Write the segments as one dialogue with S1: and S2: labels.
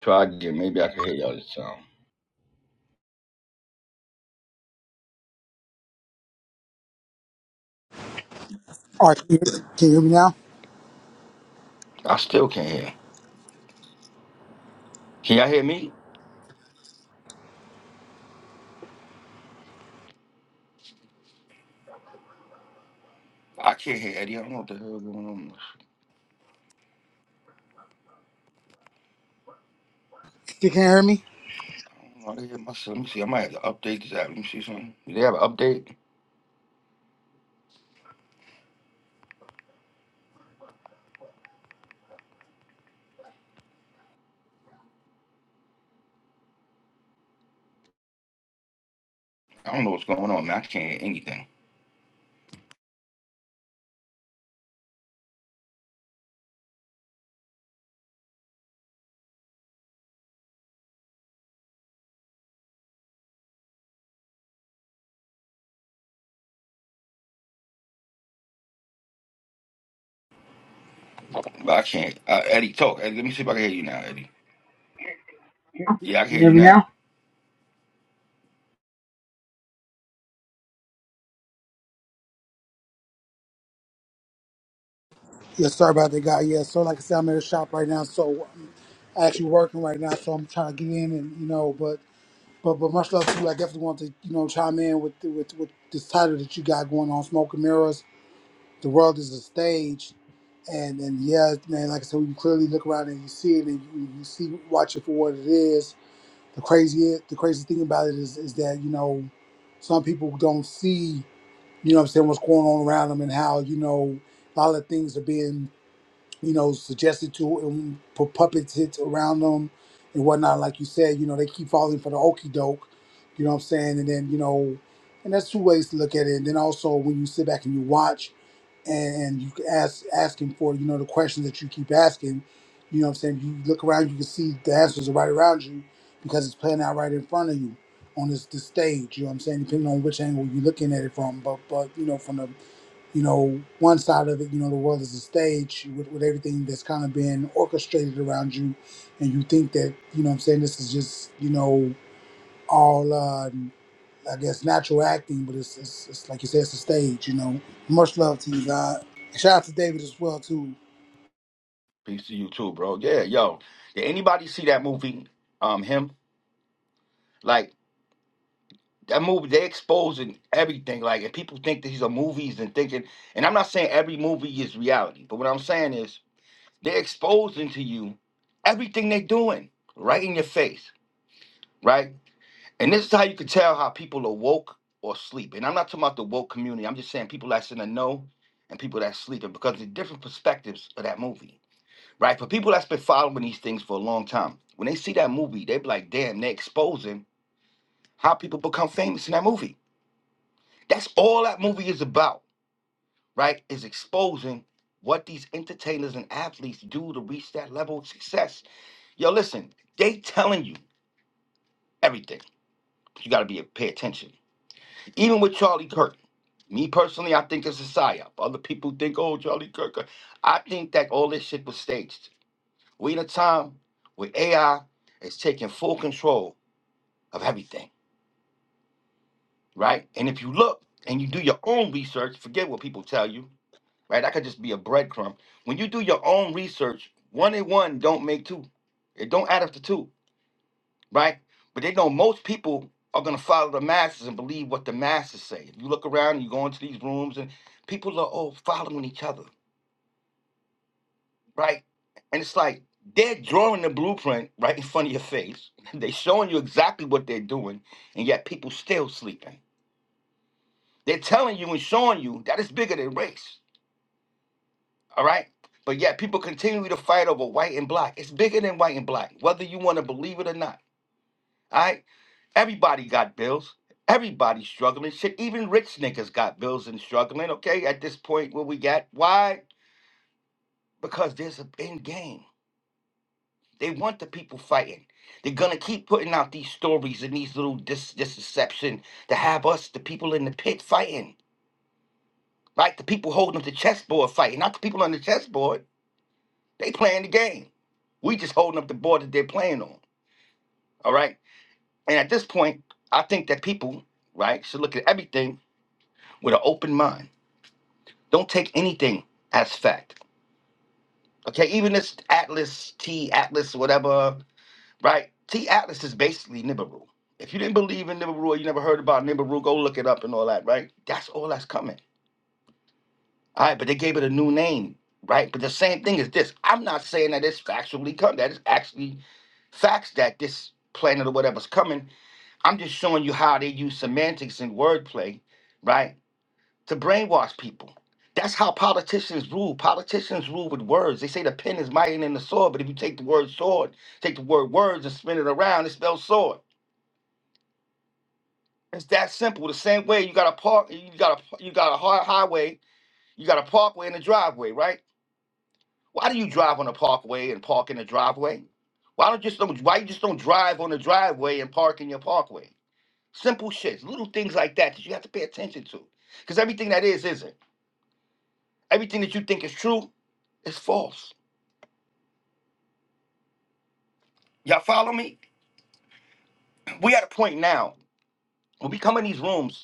S1: Try again. Maybe I can hear y'all this time.
S2: All right, can you, can you hear me now?
S1: I still can't hear. Can y'all hear me? I can't hear Eddie. I don't know what the hell going on.
S2: You can hear me?
S1: I don't know how to hear myself. Let me see. I might have to update this app. Let me see something. Do they have an update? I don't know what's going on, man. I can't hear anything. But I can't. Uh, Eddie, talk. Eddie, let me see if I can hear you now, Eddie. Yeah, I can
S2: You
S1: hear
S2: hear
S1: you
S2: me
S1: now.
S2: now? Yes, sorry about that, guy. Yeah, so like I said, I'm at a shop right now, so I'm actually working right now, so I'm trying to get in and you know, but but but much love to you. I definitely want to you know chime in with with with this title that you got going on, Smoke and Mirrors. The world is a stage, and and yeah, man, like I said, you clearly look around and you see it, and you, you see watch it for what it is. The crazy the crazy thing about it is is that you know some people don't see. you know what I'm saying, what's going on around them and how, you know, a lot of things are being you know, suggested to him, put puppets hits around them and whatnot. Like you said, you know, they keep falling for the okey doke, you know what I'm saying? And then, you know, and that's two ways to look at it. And then also when you sit back and you watch and, and you ask asking for, you know, the questions that you keep asking, you know what I'm saying? You look around, you can see the answers are right around you because it's playing out right in front of you on this, this stage, you know what I'm saying? Depending on which angle you're looking at it from. But but you know, from the you know, one side of it, you know, the world is a stage with, with everything that's kind of been orchestrated around you. And you think that, you know what I'm saying, this is just, you know, all, uh, I guess, natural acting, but it's, it's, it's like you said, it's a stage, you know. Much love to you, God. Shout out to David as well, too.
S1: Peace to you too, bro. Yeah, yo. Did anybody see that movie? Um, him. Like that movie. They exposing everything. Like, if people think that these are movies and thinking. And I'm not saying every movie is reality, but what I'm saying is They're exposing to you everything they're doing right in your face, right? And this is how you can tell how people are woke or sleep. And I'm not talking about the woke community. I'm just saying people that's in the know and people that's sleeping because the different perspectives of that movie, right? For people that's been following these things for a long time, when they see that movie, they be like, damn, they're exposing how people become famous in that movie. That's all that movie is about, right? Is exposing what these entertainers and athletes do to reach that level of success Yo, listen, they telling you everything. You gotta be pay attention. Even with Charlie Kirk, me personally, I think it's a psyop. Other people think, oh, Charlie Kirk. uh," I think that all this shit was staged. We in a time where AI is taking full control of everything, right? And if you look and you do your own research, forget what people tell you, right? That could just be a breadcrumb. When you do your own research, one and one don't make two. It don't add up to two. right? But they know most people are gonna follow the masses and believe what the masses say. If you look around and you go into these rooms and people are all following each other, right? And it's like they're drawing the blueprint right in front of your face. they're showing you exactly what they're doing, and yet people still sleeping. They're telling you and showing you that it's bigger than race, all right? But yet people continue to fight over white and black. It's bigger than white and black, whether you want to believe it or not. all right? Everybody got bills. Everybody's struggling. Shit, even rich niggas got bills and struggling. Okay, at this point where we got why? Because there's an end game. They want the people fighting. They're gonna keep putting out these stories and these little dis deception to have us, the people in the pit, fighting. Like the people holding up the chessboard fighting, not the people on the chessboard. They playing the game. We just holding up the board that they're playing on. All right. And at this point, I think that people, right, should look at everything with an open mind Don't take anything as fact. Okay, even this Atlas, T Atlas, whatever, right? T Atlas is basically Nibiru. If you didn't believe in Nibiru or you never heard about Nibiru, go look it up and all that, right? That's all that's coming. All right, but they gave it a new name, right? But the same thing is this. I'm not saying that it's factually come. That is actually facts that this planet or whatever's coming. I'm just showing you how they use semantics and wordplay, right? to brainwash people. That's how politicians rule. Politicians rule with words. They say the pen is mightier than the sword, but if you take the word sword, take the word words and spin it around, it spells sword. It's that simple. The same way you got a park, you got a you got a hard highway, you got a parkway and a driveway, right? Why do you drive on a parkway and park in a driveway? Why don't you just don't why you just don't drive on the driveway and park in your parkway? Simple shits, little things like that that you have to pay attention to, because everything that is isn't. Everything that you think is true is false. Y'all follow me? We at a point now when we come in these rooms.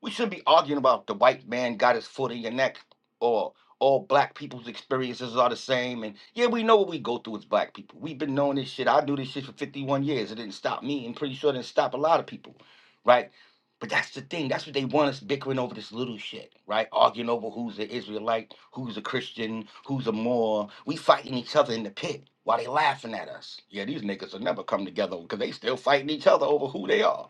S1: We shouldn't be arguing about the white man got his foot in your neck or all black people's experiences are the same. And yeah, we know what we go through as black people. We've been knowing this shit. I do this shit for 51 years. It didn't stop me and pretty sure it didn't stop a lot of people, right? But that's the thing. That's what they want us bickering over this little shit, right? Arguing over who's an Israelite, who's a Christian, who's a Moor. We fighting each other in the pit while they laughing at us. Yeah, these niggas will never come together because they still fighting each other over who they are.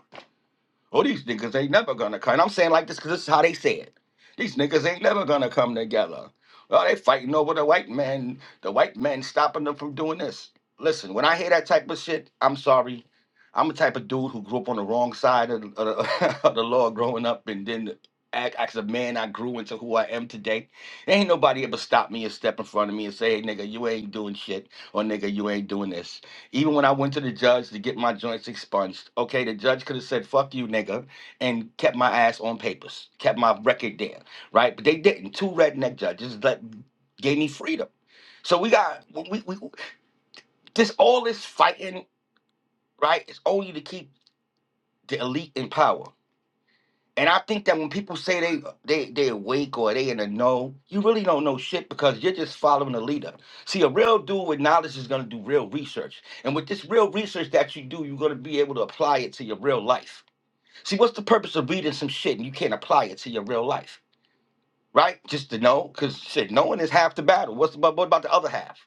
S1: Oh, these niggas ain't never gonna come. And I'm saying like this because this is how they say it. These niggas ain't never gonna come together. Oh, they fighting over the white man. The white man stopping them from doing this. Listen, when I hear that type of shit, I'm sorry. I'm the type of dude who grew up on the wrong side of, the- of, the, of the law growing up, and then act as a man, I grew into who I am today. Ain't nobody ever stopped me and step in front of me and say, "Hey, nigga, you ain't doing shit," or "Nigga, you ain't doing this." Even when I went to the judge to get my joints expunged, okay, the judge could have said, fuck you, nigga, and kept my ass on papers, kept my record there, right? But they didn't. Two redneck judges that gave me freedom. So we got, we, we, this all this fighting, right, is only to keep the elite in power. And I think that when people say they they they awake or they in the know, you really don't know shit because you're just following a leader. See, a real dude with knowledge is gonna do real research, and with this real research that you do, you're gonna be able to apply it to your real life. See, what's the purpose of reading some shit and you can't apply it to your real life, right? Just to know, because shit, knowing is half the battle. What's about what about the other half,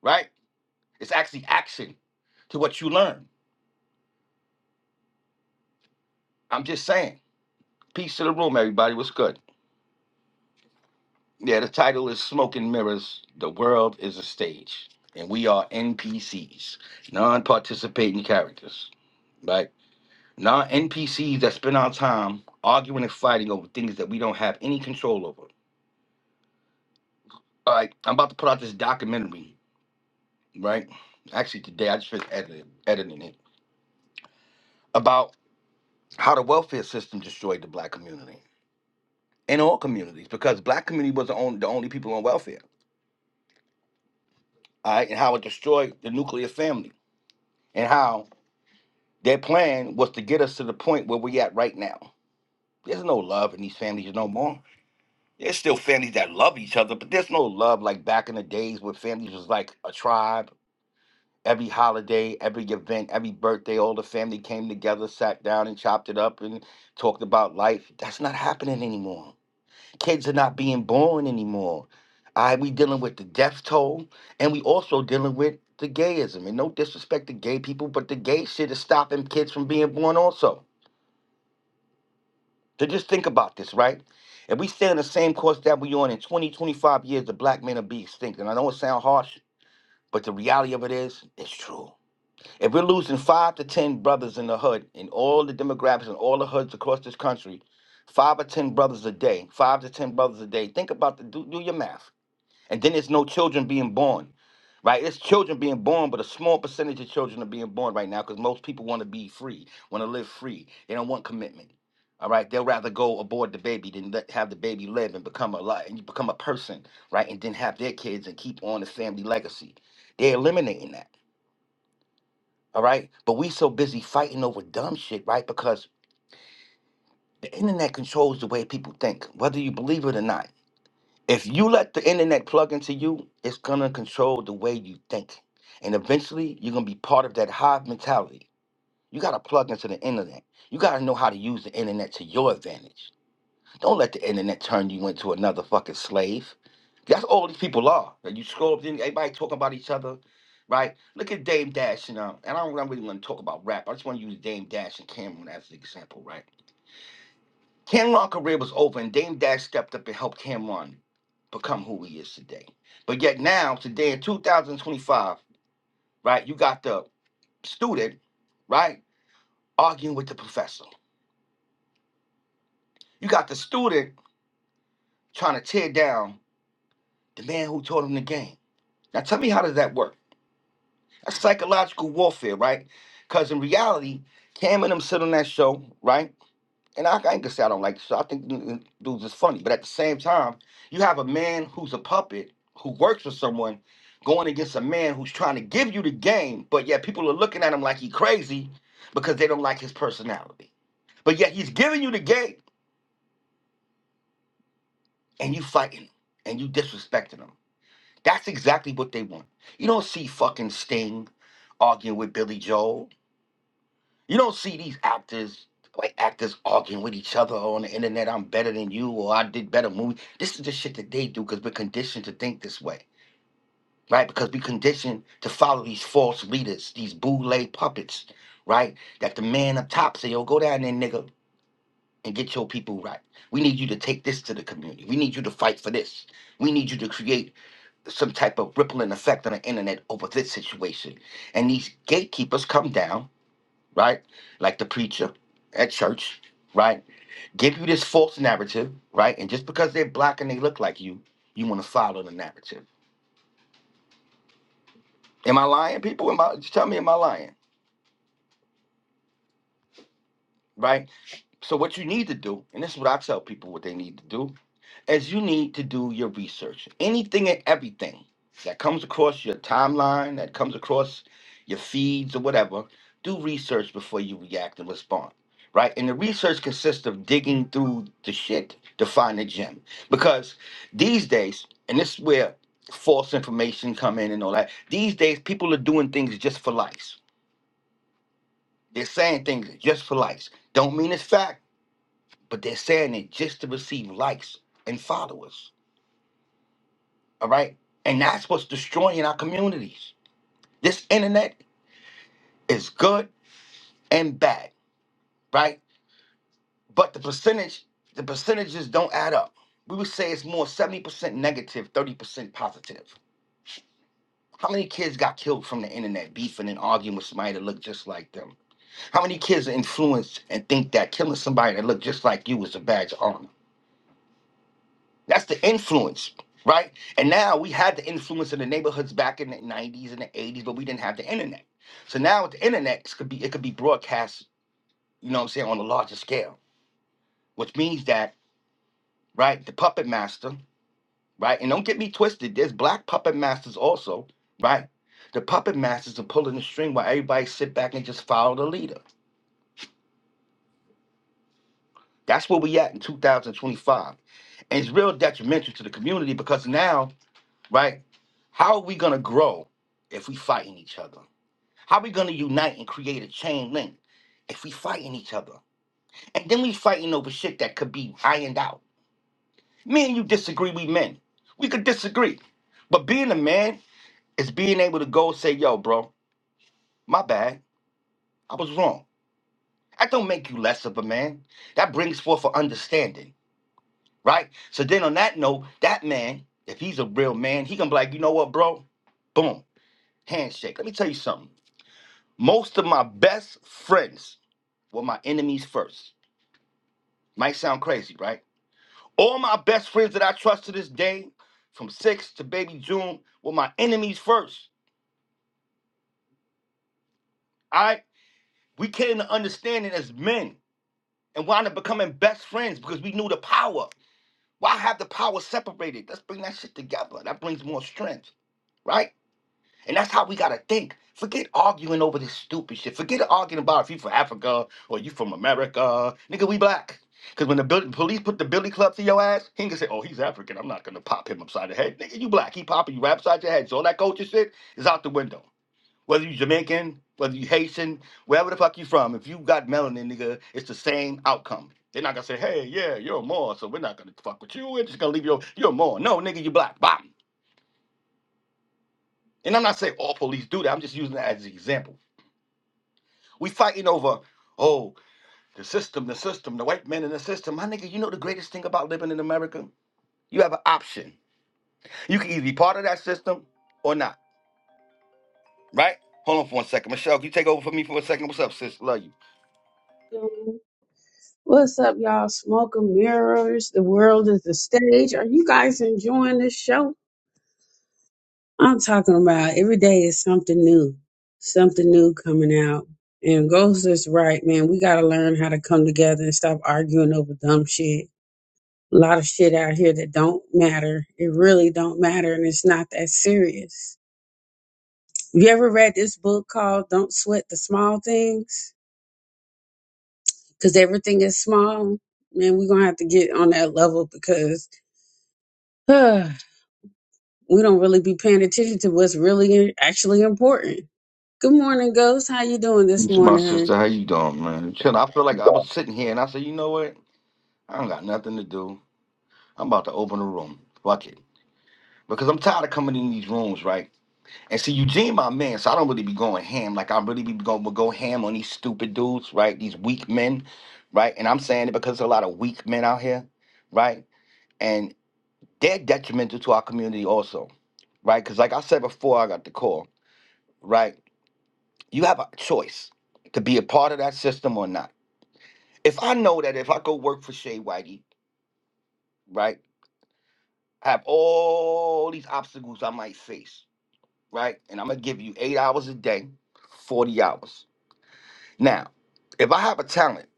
S1: right? It's actually action to what you learn. I'm just saying. Peace to the room, everybody. What's good? Yeah, the title is Smoke and Mirrors The World is a Stage. And we are NPCs, non participating characters, right? Non NPCs that spend our time arguing and fighting over things that we don't have any control over. All right, I'm about to put out this documentary, right? Actually, today I just finished editing, editing it about how the welfare system destroyed the black community and all communities because black community was the only, the only people on welfare, all right? And how it destroyed the nuclear family and how Their plan was to get us to the point where we at right now. There's no love in these families no more. There's still families that love each other, but there's no love like back in the days where families was like a tribe. Every holiday, every event, every birthday, all the family came together, sat down and chopped it up and talked about life. That's not happening anymore. Kids are not being born anymore. I we dealing with the death toll, and we also dealing with the gayism. And no disrespect to gay people, but the gay shit is stopping kids from being born also. To just think about this, right? If we stay on the same course that we on in 20, 25 years, the black men will be extinct. And I know it sounds harsh, but the reality of it is, it's true. If we're losing five to 10 brothers in the hood, in all the demographics and all the hoods across this country, five or 10 brothers a day, five to 10 brothers a day, think about the, do, do your math. And then there's no children being born, right? There's children being born, but a small percentage of children are being born right now because most people want to be free, want to live free. They don't want commitment. All right, they'll rather go abort the baby than let, have the baby live and become a lot and you become a person, right? And then have their kids and keep on the family legacy. They're eliminating that. All right, but we so busy fighting over dumb shit, right? Because the internet controls the way people think, whether you believe it or not. if you let the internet plug into you, it's gonna control the way you think. And eventually you're gonna be part of that hive mentality. You gotta plug into the internet. You gotta know how to use the internet to your advantage. Don't let the internet turn you into another fucking slave. That's all these people are. Like, You scroll up, then everybody talking about each other, right? Look at Dame Dash and um, and I don't, I don't really want to talk about rap. I just want to use Dame Dash and Cameron as an example, right? Camron's career was over, and Dame Dash stepped up and helped Camron become who he is today. But yet now, today in 2025, right, you got the student, right, arguing with the professor. You got the student trying to tear down the man who taught him the game. Now tell me how does that work? That's psychological warfare, right? Because in reality, Cam and him sit on that show, right? And I, I ain't gonna say I don't like the show. I think the n- dudes is funny, but at the same time, you have a man who's a puppet who works for someone going against a man who's trying to give you the game, but yet people are looking at him like he crazy because they don't like his personality. But yet he's giving you the game and you fighting him and you disrespecting him. That's exactly what they want. You don't see fucking Sting arguing with Billy Joel. You don't see these actors like actors arguing with each other on the internet. I'm better than you, or I did better movie. This is the shit that they do because we're conditioned to think this way, right? Because we conditioned to follow these false leaders, these boule puppets, right? That the man up top say, "Yo, go down there, nigga, and get your people right. We need you to take this to the community. We need you to fight for this. We need you to create some type of rippling effect on the internet over this situation." And these gatekeepers come down right? Like the preacher at church, right? Give you this false narrative, right? And just because they're black and they look like you, you want to follow the narrative. Am I lying, people? Am I just tell me am I lying? Right? So what you need to do, and this is what I tell people what they need to do, is you need to do your research. Anything and everything that comes across your timeline, that comes across your feeds or whatever, do research before you react and respond. Right? And the research consists of digging through the shit to find the gem. Because these days, and this is where false information come in and all that, these days people are doing things just for likes. They're saying things just for likes. Don't mean it's fact but they're saying it just to receive likes and followers. All right. And that's what's destroying our communities. This internet is good and bad, right? But the percentage, the percentages don't add up. We would say it's more 70% 30% positive. How many kids got killed from the internet beefing and arguing with somebody that looked just like them? How many kids are influenced and think that killing somebody that looked just like you is a badge of honor? That's the influence, right? And now we had the influence in the neighborhoods back in the 90s and the 80s, but we didn't have the internet. So now with the internet, it could be it could be broadcast, you know what I'm saying, on a larger scale, which means that, right, the puppet master, right? And don't get me twisted, there's black puppet masters also, right? The puppet masters are pulling the string while everybody sit back and just follow the leader. That's where we at in 2025. And it's real detrimental to the community because now right? How are we going to grow if we fighting each other? How are we going to unite and create a chain link if we fighting each other? And then we fighting over shit that could be ironed out. Me and you disagree, we men. We could disagree. But being a man is being able to go and say, yo, bro, my bad. I was wrong. That don't make you less of a man. That brings forth an understanding, right? So then on that note, that man, if he's a real man, he gonna be like, you know what, bro? Boom. Handshake. Let me tell you something. Most of my best friends were my enemies first. Might sound crazy, right? All my best friends that I trust to this day, from six to baby June, were my enemies first. All right? We came to understanding as men and wound up becoming best friends because we knew the power. Why have the power separated? Let's bring that shit together. That brings more strength, right? And that's how we gotta think. Forget arguing over this stupid shit. Forget arguing about if you from Africa or you from America. Nigga, we black. Cause when the bil- police put the billy club to your ass, he ain't gonna say, "Oh, he's African. I'm not gonna pop him upside the head." Nigga, you black. He popping you right upside your head. So all that culture shit is out the window. Whether you Jamaican, whether you Haitian, wherever the fuck you from, if you got melanin, nigga, it's the same outcome. They're not gonna say, "Hey, yeah, you're a Moor, so we're not gonna fuck with you. We're just gonna leave you. You're a Moor. No, nigga, you black. Bam." And I'm not saying all police do that. I'm just using that as an example. We fighting over, oh, the system, the system, the white man in the system. My nigga, you know the greatest thing about living in America? You have an option. You can either be part of that system or not, right? Hold on for one second. Michelle, can you take over for me for a second? What's up, sis? Love you.
S3: Yo, What's up, y'all? Smoke and mirrors. The world is the stage. Are you guys enjoying this show? I'm talking about every day is something new, something new coming out. And Ghost is right, man. We got to learn how to come together and stop arguing over dumb shit. A lot of shit out here that don't matter. It really don't matter, and it's not that serious. You ever read this book called "Don't Sweat the Small Things"? Because everything is small. Man, we're gonna have to get on that level because we don't really be paying attention to what's really actually important. Good morning, Ghost. How you doing this
S1: It's my
S3: morning, hon?
S1: sister. How you doing, man? Chill. I feel like I was sitting here and I said, you know what? I don't got nothing to do. I'm about to open a room. Fuck it. Because I'm tired of coming in these rooms, right? And see, Eugene, my man, so I don't really be going ham. Like, I really be going to go ham on these stupid dudes, right? These weak men, right? And I'm saying it because there's a lot of weak men out here, right? And they're detrimental to our community also, right? Because, like I said before, I got the call, right? You have a choice to be a part of that system or not. If I know that if I go work for Shea Whitey, right, I have all these obstacles I might face, right? And I'm going to give you eight hours a day, 40 hours Now, if I have a talent,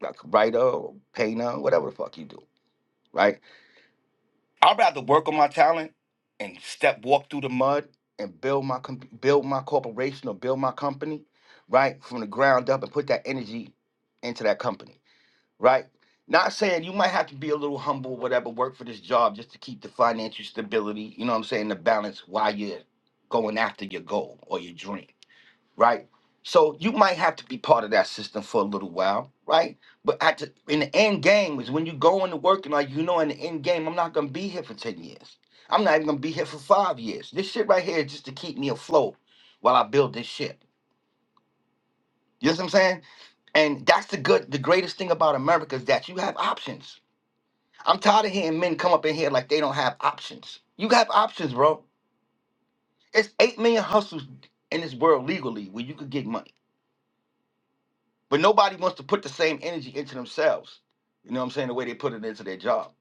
S1: like a writer or painter, whatever the fuck you do, right? I'd rather work on my talent and step walk through the mud and build my com- build my corporation or build my company, right, from the ground up and put that energy into that company, right? Not saying you might have to be a little humble, whatever, work for this job just to keep the financial stability, you know what I'm saying, the balance while you're going after your goal or your dream right? So you might have to be part of that system for a little while, right? But at the, in the end game is when you go into work and like you know in the end game, I'm not gonna be here for ten years. I'm not even gonna be here for five years. This shit right here is just to keep me afloat while I build this ship. You know what I'm saying? And that's the good, the greatest thing about America is that you have options. I'm tired of hearing men come up in here like they don't have options. You have options, bro. It's eight million hustles in this world legally where you could get money. But nobody wants to put the same energy into themselves. You know what I'm saying? The way they put it into their job.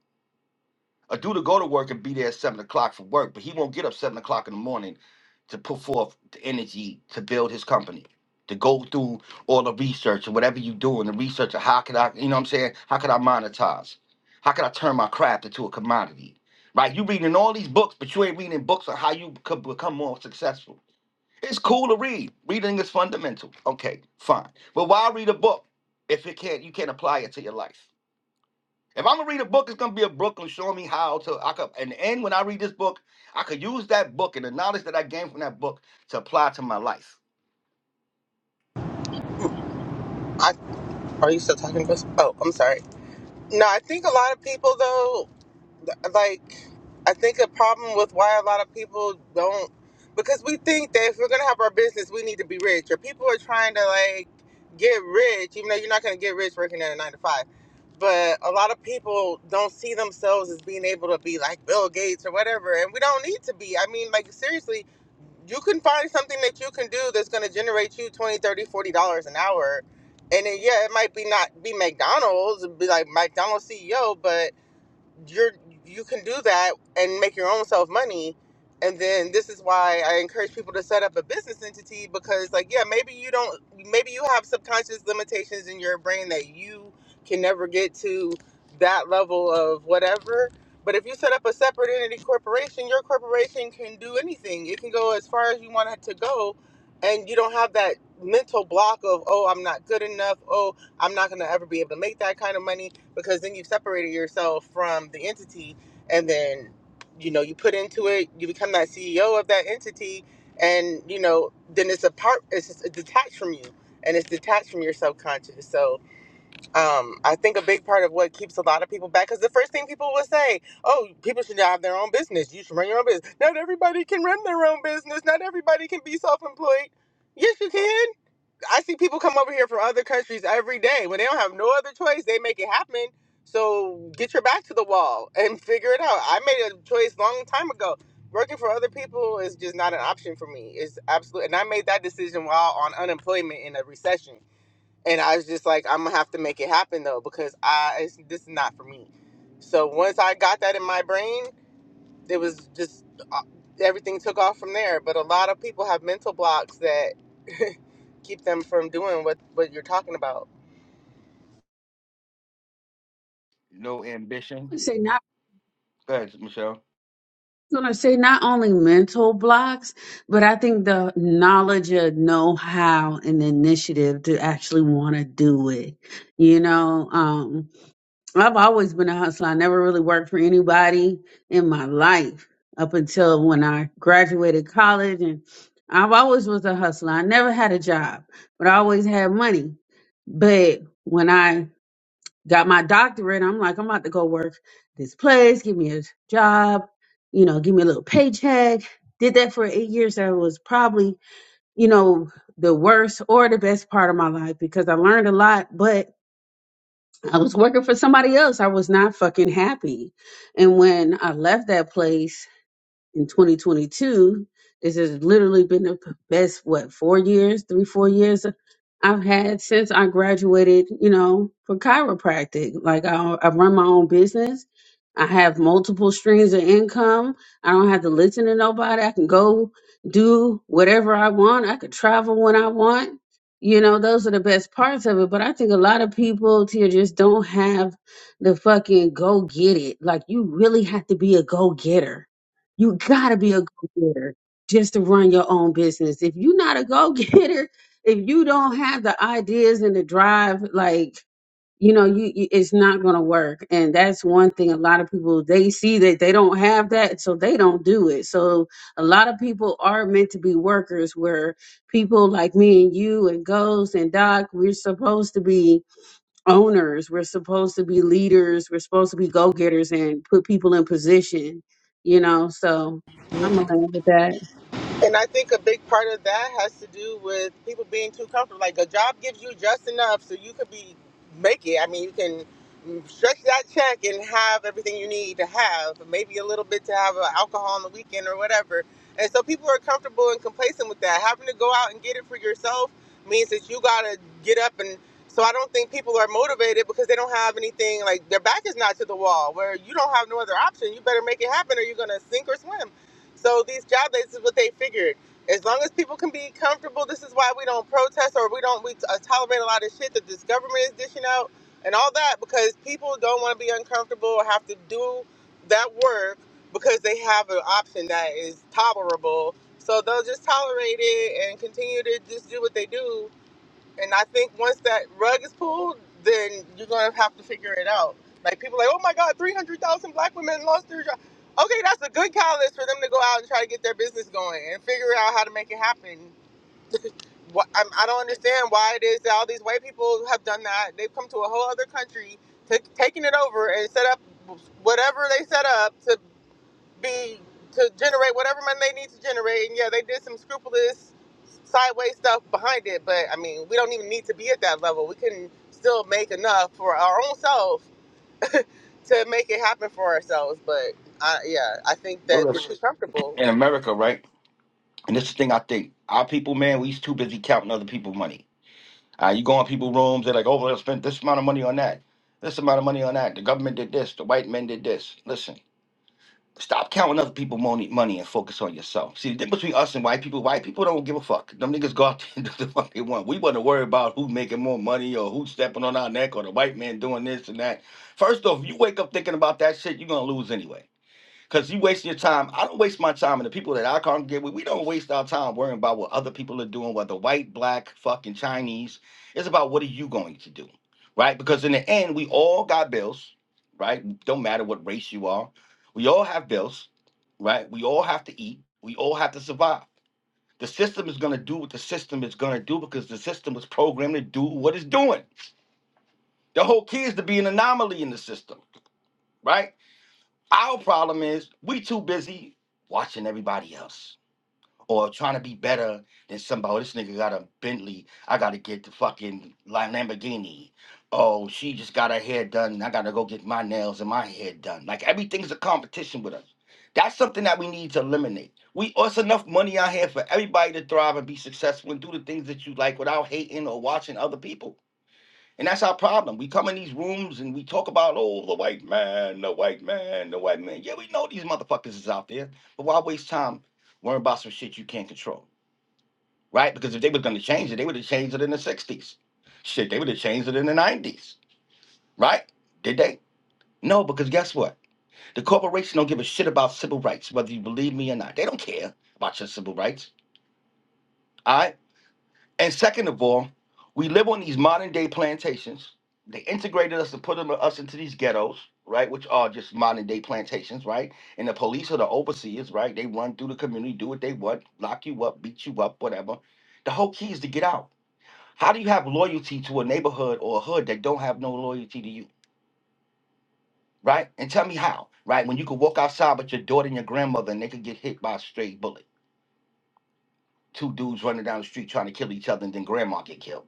S1: A dude to go to work and be there at seven o'clock for work, but he won't get up seven o'clock in the morning to put forth the energy to build his company, to go through all the research and whatever you do in the research of how could I, you know what I'm saying? How could I monetize? How could I turn my craft into a commodity? Right? You reading all these books, but you ain't reading books on how you could become more successful it's cool to read. Reading is fundamental. Okay, fine. But why read a book if it can't you can't apply it to your life? If I'm gonna read a book, it's gonna be a book and show me how to I could and, and when I read this book, I could use that book and the knowledge that I gained from that book to apply to my life.
S4: I, are you still talking, to us? Oh, I'm sorry. No, I think a lot of people though like I think a problem with why a lot of people don't because we think that if we're gonna have our business, we need to be rich. Or people are trying to like get rich, even though you're not gonna get rich working at a nine to five. But a lot of people don't see themselves as being able to be like Bill Gates or whatever, and we don't need to be. I mean, like seriously, you can find something that you can do that's going to generate you 20, 30, 40 dollars an hour and then yeah it might be not be mcdonald's it be like mcdonald's ceo but you're you can do that and make your own self money and then this is why i encourage people to set up a business entity because like yeah maybe you don't maybe you have subconscious limitations in your brain that you can never get to that level of whatever but if you set up a separate entity corporation your corporation can do anything it can go as far as you want it to go and you don't have that mental block of oh i'm not good enough oh i'm not going to ever be able to make that kind of money because then you've separated yourself from the entity and then you know you put into it you become that ceo of that entity and you know then it's a part it's just it's detached from you and it's detached from your subconscious so um, i think a big part of what keeps a lot of people back because the first thing people will say oh people should have their own business you should run your own business not everybody can run their own business not everybody can be self-employed yes you can I see people come over here from other countries every day. When they don't have no other choice, they make it happen. So get your back to the wall and figure it out. I made a choice long time ago. Working for other people is just not an option for me. It's absolute, and I made that decision while on unemployment in a recession. And I was just like, I'm gonna have to make it happen though because I it's, this is not for me. So once I got that in my brain, it was just uh, everything took off from there. But a lot of people have mental blocks that keep them from doing what what you're talking about.
S1: No
S3: I
S1: ambition.
S3: say not
S1: Go ahead, Michelle.
S3: gonna say not only mental blocks, but I think the knowledge of know how and the initiative to actually want to do it. You know, um, I've always been a hustler. I never really worked for anybody in my life up until when I graduated college and I've always was a hustler. I never had a job, but I always had money. But when I got my doctorate, I'm like, I'm about to go work this place, give me a job, you know, give me a little paycheck. Did that for eight years. That was probably, you know, the worst or the best part of my life because I learned a lot, but I was working for somebody else. I was not fucking happy. And when I left that place, in 2022 this has literally been the best what four years three four years i've had since i graduated you know for chiropractic like i, I run my own business i have multiple streams of income i don't have to listen to nobody i can go do whatever i want i could travel when i want you know those are the best parts of it but i think a lot of people here just don't have the fucking go get it like you really have to be a go getter you gotta be a go getter just to run your own business. If you're not a go getter, if you don't have the ideas and the drive, like you know, you you- it's not gonna work. And that's one thing. A lot of people they see that they don't have that, so they don't do it. So a lot of people are meant to be workers. Where people like me and you and Ghost and Doc, we're supposed to be owners. We're supposed to be leaders. We're supposed to be go getters and put people in position, you know. So I'm gonna land with that.
S4: And I think a big part of that has to do with people being too comfortable. Like a job gives you just enough so you could be make it. I mean, you can stretch that check and have everything you need to have, maybe a little bit to have uh, alcohol on the weekend or whatever. And so people are comfortable and complacent with that. Having to go out and get it for yourself means that you gotta get up and. So I don't think people are motivated because they don't have anything like their back is not to the wall where you don't have no other option. You better make it happen or you're gonna sink or swim. So these job dates is what they figured. As long as people can be comfortable, this is why we don't protest or we don't we uh, tolerate a lot of shit that this government is dishing out and all that because people don't want to be uncomfortable or have to do that work because they have an option that is tolerable. So they'll just tolerate it and continue to just do what they do and I think once that rug is pulled, then you're gonna have to figure it out. Like people are like, oh my God, three hundred thousand black women lost their job. Okay, that's a good catalyst for them to go out and try to get their business going and figure out how to make it happen. What I'm, I don't understand why it is that all these white people have done that. They've come to a whole other country, t- taking it over and set up whatever they set up to be to generate whatever money they need to generate. And yeah, they did some scrupulous sideways stuff behind it, but I mean, we don't even need to be at that level. We can still make enough for our own self to make it happen for ourselves. But I, yeah, I think
S1: Well,
S4: that we're
S1: listen,
S4: too comfortable.
S1: In America, right? And this is the thing I think. Our people, man, we too busy counting other people's money. Uh, you go in people's rooms, they're like, oh, well, I spent this amount of money on that, this amount of money on that. The government did this, the white men did this. Listen. Stop counting other people money, money and focus on yourself. See, the difference between us and white people, white people don't give a fuck. Them niggas go out there and do the fuck they want. We want to worry about who making more money or who's stepping on our neck or the white man doing this and that. First off, if you wake up thinking about that shit, you're going to lose anyway. Because you waste your time. I don't waste my time. And the people that I congregate with, we don't waste our time worrying about what other people are doing, whether white, black, fucking Chinese. It's about what are you going to do, right? Because in the end, we all got bills, right? Don't matter what race you are. We all have bills, right? We all have to eat. We all have to survive. The system is going to do what the system is going to do because the system was programmed to do what it's doing. The whole key is to be an anomaly in the system, right? Our problem is we too busy watching everybody else or trying to be better than somebody. Oh, this nigga got a Bentley. I gotta get the fucking Lam- Lamborghini. Oh, she just got her hair done. I gotta go get my nails and my hair done. Like everything's a competition with us. That's something that we need to eliminate. We oh, it's enough money out here for everybody to thrive and be successful and do the things that you like without hating or watching other people. And that's our problem. We come in these rooms and we talk about, oh, the white man, the white man, the white man. Yeah, we know these motherfuckers is out there, but why waste time worrying about some shit you can't control, right? Because if they was gonna change it, they would have changed it in the 60s. Shit, they would have changed it in the 90s, right? Did they? No, because guess what? The corporation don't give a shit about civil rights, whether you believe me or not. They don't care about your civil rights, all right? And second of all, we live on these modern day plantations. They integrated us and put them us into these ghettos, right? Which are just modern day plantations, right? And the police are the overseers, right? They run through the community, do what they want, lock you up, beat you up, whatever. The whole key is to get out. How do you have loyalty to a neighborhood or a hood that don't have no loyalty to you? Right? And tell me how, right? When you could walk outside with your daughter and your grandmother and they could get hit by a stray bullet. Two dudes running down the street trying to kill each other and then grandma get killed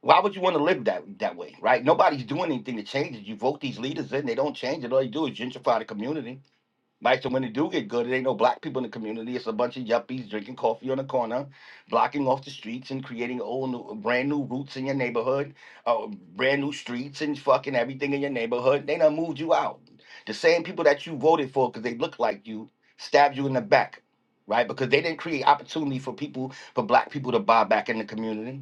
S1: Why would you want to live that that way, right? Nobody's doing anything to change it. You vote these leaders in, they don't change it. All they do is gentrify the community, right? So when they do get good, it ain't no black people in the community. It's a bunch of yuppies drinking coffee on the corner, blocking off the streets and creating old, new, brand new roots in your neighborhood, uh, brand new streets and fucking everything in your neighborhood. They done moved you out. The same people that you voted for because they look like you stabbed you in the back, right? Because they didn't create opportunity for people, for black people to buy back in the community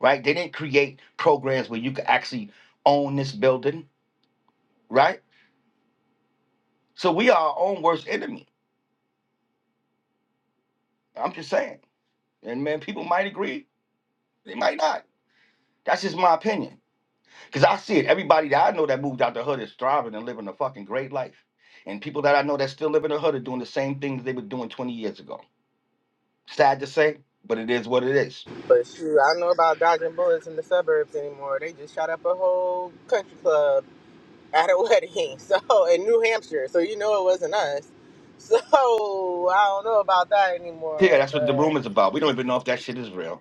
S1: right? They didn't create programs where you could actually own this building, right? So we are our own worst enemy. I'm just saying. And man, people might agree, they might not. That's just my opinion. Because I see it. Everybody that I know that moved out the hood is thriving and living a fucking great life. And people that I know that still live in the hood are doing the same things they were doing 20 years ago. Sad to say, but it is what it is.
S4: But shoot, I don't know about dodging bullets in the suburbs anymore. They just shot up a whole country club at a wedding, so in New Hampshire. So you know it wasn't us. So I don't know about that
S1: Yeah,
S4: anymore.
S1: that's what the
S4: But
S1: room is about. We don't even know if that shit is real.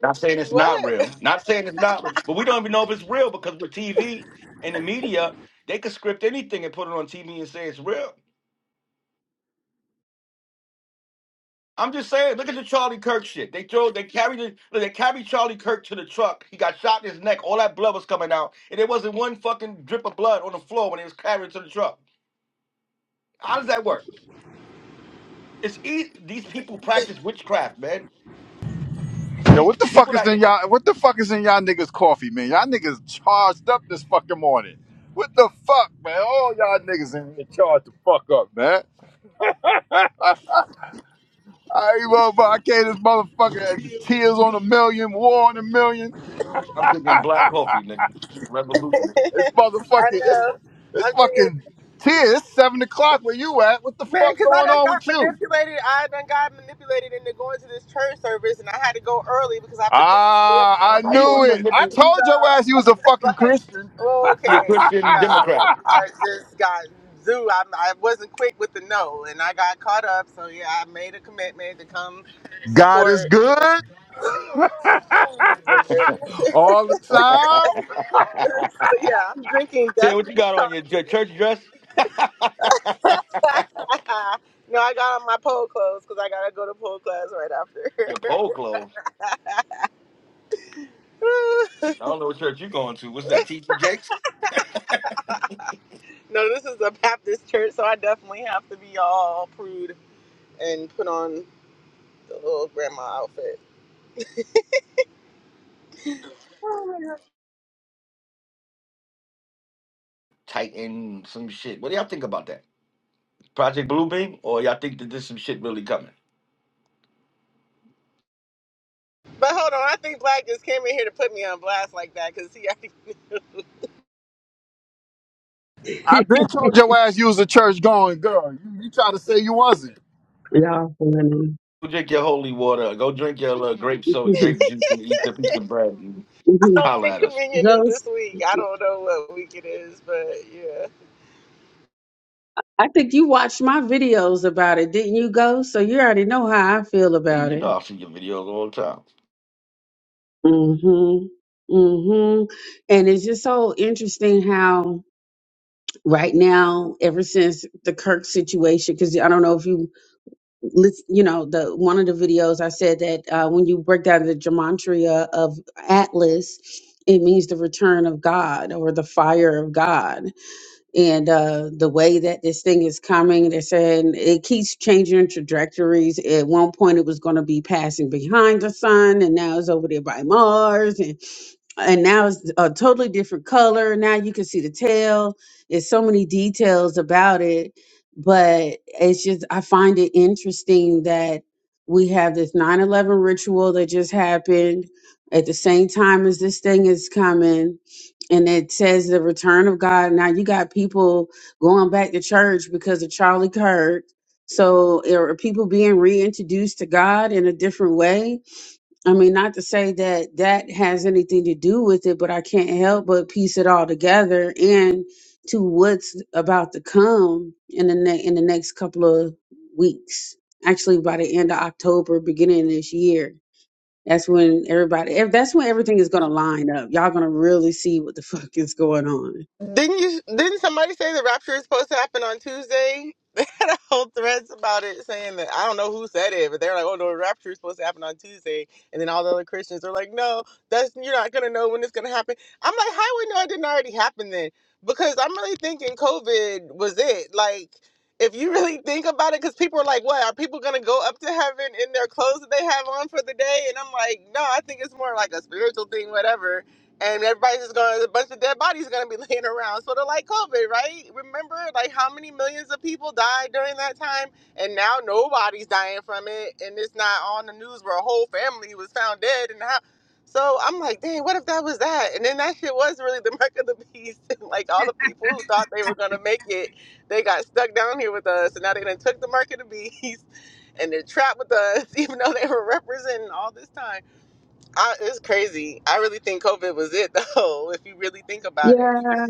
S1: Not saying it's not
S4: what?
S1: real. Not saying it's not real. But we don't even know if it's real because with TV and the media, they could script anything and put it on TV and say it's real. I'm just saying, look at the Charlie Kirk shit. They throw they carried it look, they carried Charlie Kirk to the truck. He got shot in his neck. All that blood was coming out. And there wasn't one fucking drip of blood on the floor when they was carried to the truck. How does that work? It's easy. These people practice witchcraft, man.
S5: Yo,
S1: These
S5: what
S1: the
S5: the fuck
S1: people
S5: is
S1: that
S5: in y'all? What the fuck is in y'all niggas' coffee, man? Y'all niggas charged up this fucking morning. What the fuck, man? All y'all niggas in here charged the fuck up, man. I, I, ain't gonna lie, I gave this motherfucker had the tears on a million, war on a million.
S1: I'm drinking black coffee, nigga. Revolution.
S5: It's motherfucking,
S4: I know.
S5: it's, it's
S4: I'm thinking,
S5: fucking tears. It's seven o'clock where you at. What the
S4: man,
S5: fuck
S4: because I
S5: going
S4: done
S5: on
S4: got
S5: with you?
S4: manipulated. I done got manipulated into going to this church service, and I had to go early because I have to pick somebody up from
S5: Ah, I
S4: the
S1: How you
S5: knew
S1: can
S4: airport.
S5: it. I
S1: manipulate?
S5: told your ass
S4: So,
S5: you was a fucking
S4: like,
S5: Christian.
S1: You're a
S4: okay,
S1: Christian
S4: no,
S1: Democrat.
S4: I just got zoo. I, I wasn't quick with the no, and I got caught up. So yeah, I made a commitment to come
S5: God is
S4: support.
S5: good all the time.
S4: But yeah, I'm drinking death
S1: Sam, what you
S4: wish
S1: got on your,
S4: coffee.
S1: your church dress?
S4: no, I got on my pole clothes because I gotta go to pole class right after.
S1: Your pole clothes. I don't know what church you going to. What's that? TT Jakes?
S4: no, this is a Baptist church, so I definitely have to be all prude and put on the little grandma outfit.
S1: Titan, some shit. What do y'all think about that? Project Bluebeam? Or y'all think that there's some shit really coming?
S4: But hold on, I think Black just came in here to put me on blast like that because he already.
S5: I've been told your ass you was a church going girl. You, you try to say you wasn't.
S3: Y'all funny.
S1: Go drink your holy water. Go drink your little grape soda,
S3: Mhm,
S1: grape juice, and eat the piece of bread and
S4: I
S3: mhm.
S4: don't
S1: holler
S4: think
S1: at us.
S4: communion is this
S3: Ghost,
S4: week. I don't know what week it is, but yeah.
S3: I think you watched my videos about it, didn't you, Ghost? So you already know how I feel
S1: See,
S3: about
S1: you
S3: it.
S1: know I see your videos all the time.
S3: Mhm. Mhm. And it's just so interesting how right now, ever since the Kirk situation, because I don't know if you lis- you know the one of the videos i said that uh, when you break down the gematria of atlas it means the return of god or the fire of god and uh, the way that this thing is coming they're saying it keeps changing trajectories at one point it was going to be passing behind the sun and now it's over there by mars and now it's a totally different color. Now you can see the tail. There's so many details about it, but it's just I find it interesting that we have this 9/11 ritual that just happened at the same time as this thing is coming and it says the return of God. Now you got people going back to church because of Charlie Kirk. So are people being reintroduced to God in a different way? I mean, not to say that that has anything to do with it, but I can't help but piece it all together and to what's about to come in the ne- in the next couple of weeks. Actually, by the end of October, beginning of this year, that's when everybody. ev- That's when everything is going to line up. Y'all going to really see what the fuck is going on.
S4: Didn't you? Didn't somebody say the rapture is supposed to happen on Tuesday? They had a whole threads about it, saying that I don't know who said it, but they're like, "Oh no, the rapture is supposed to happen on Tuesday," and then all the other Christians are like, "No, that's you're not gonna know when it's gonna happen." I'm like, "How would know it didn't already happen then?" Because I'm really thinking COVID was it. Like, if you really think about it, because people are like, "What are people gonna go up to heaven in their clothes that they have on for the day?" And I'm like, "No, I think it's more like a spiritual thing, whatever." and everybody's just going a bunch of dead bodies going to be laying around sort of like covid right remember like how many millions of people died during that time and now nobody's dying from it and it's not on the news where a whole family was found dead and how so i'm like dang what if that was that and then that shit was really the mark of the beast like all the people who thought they were going to make it they got stuck down here with us and now they done took the mark of the beast and they're trapped with us even though they were representing all this time I, it's crazy. I really think COVID was it, though. If you really think about it,
S3: Yeah,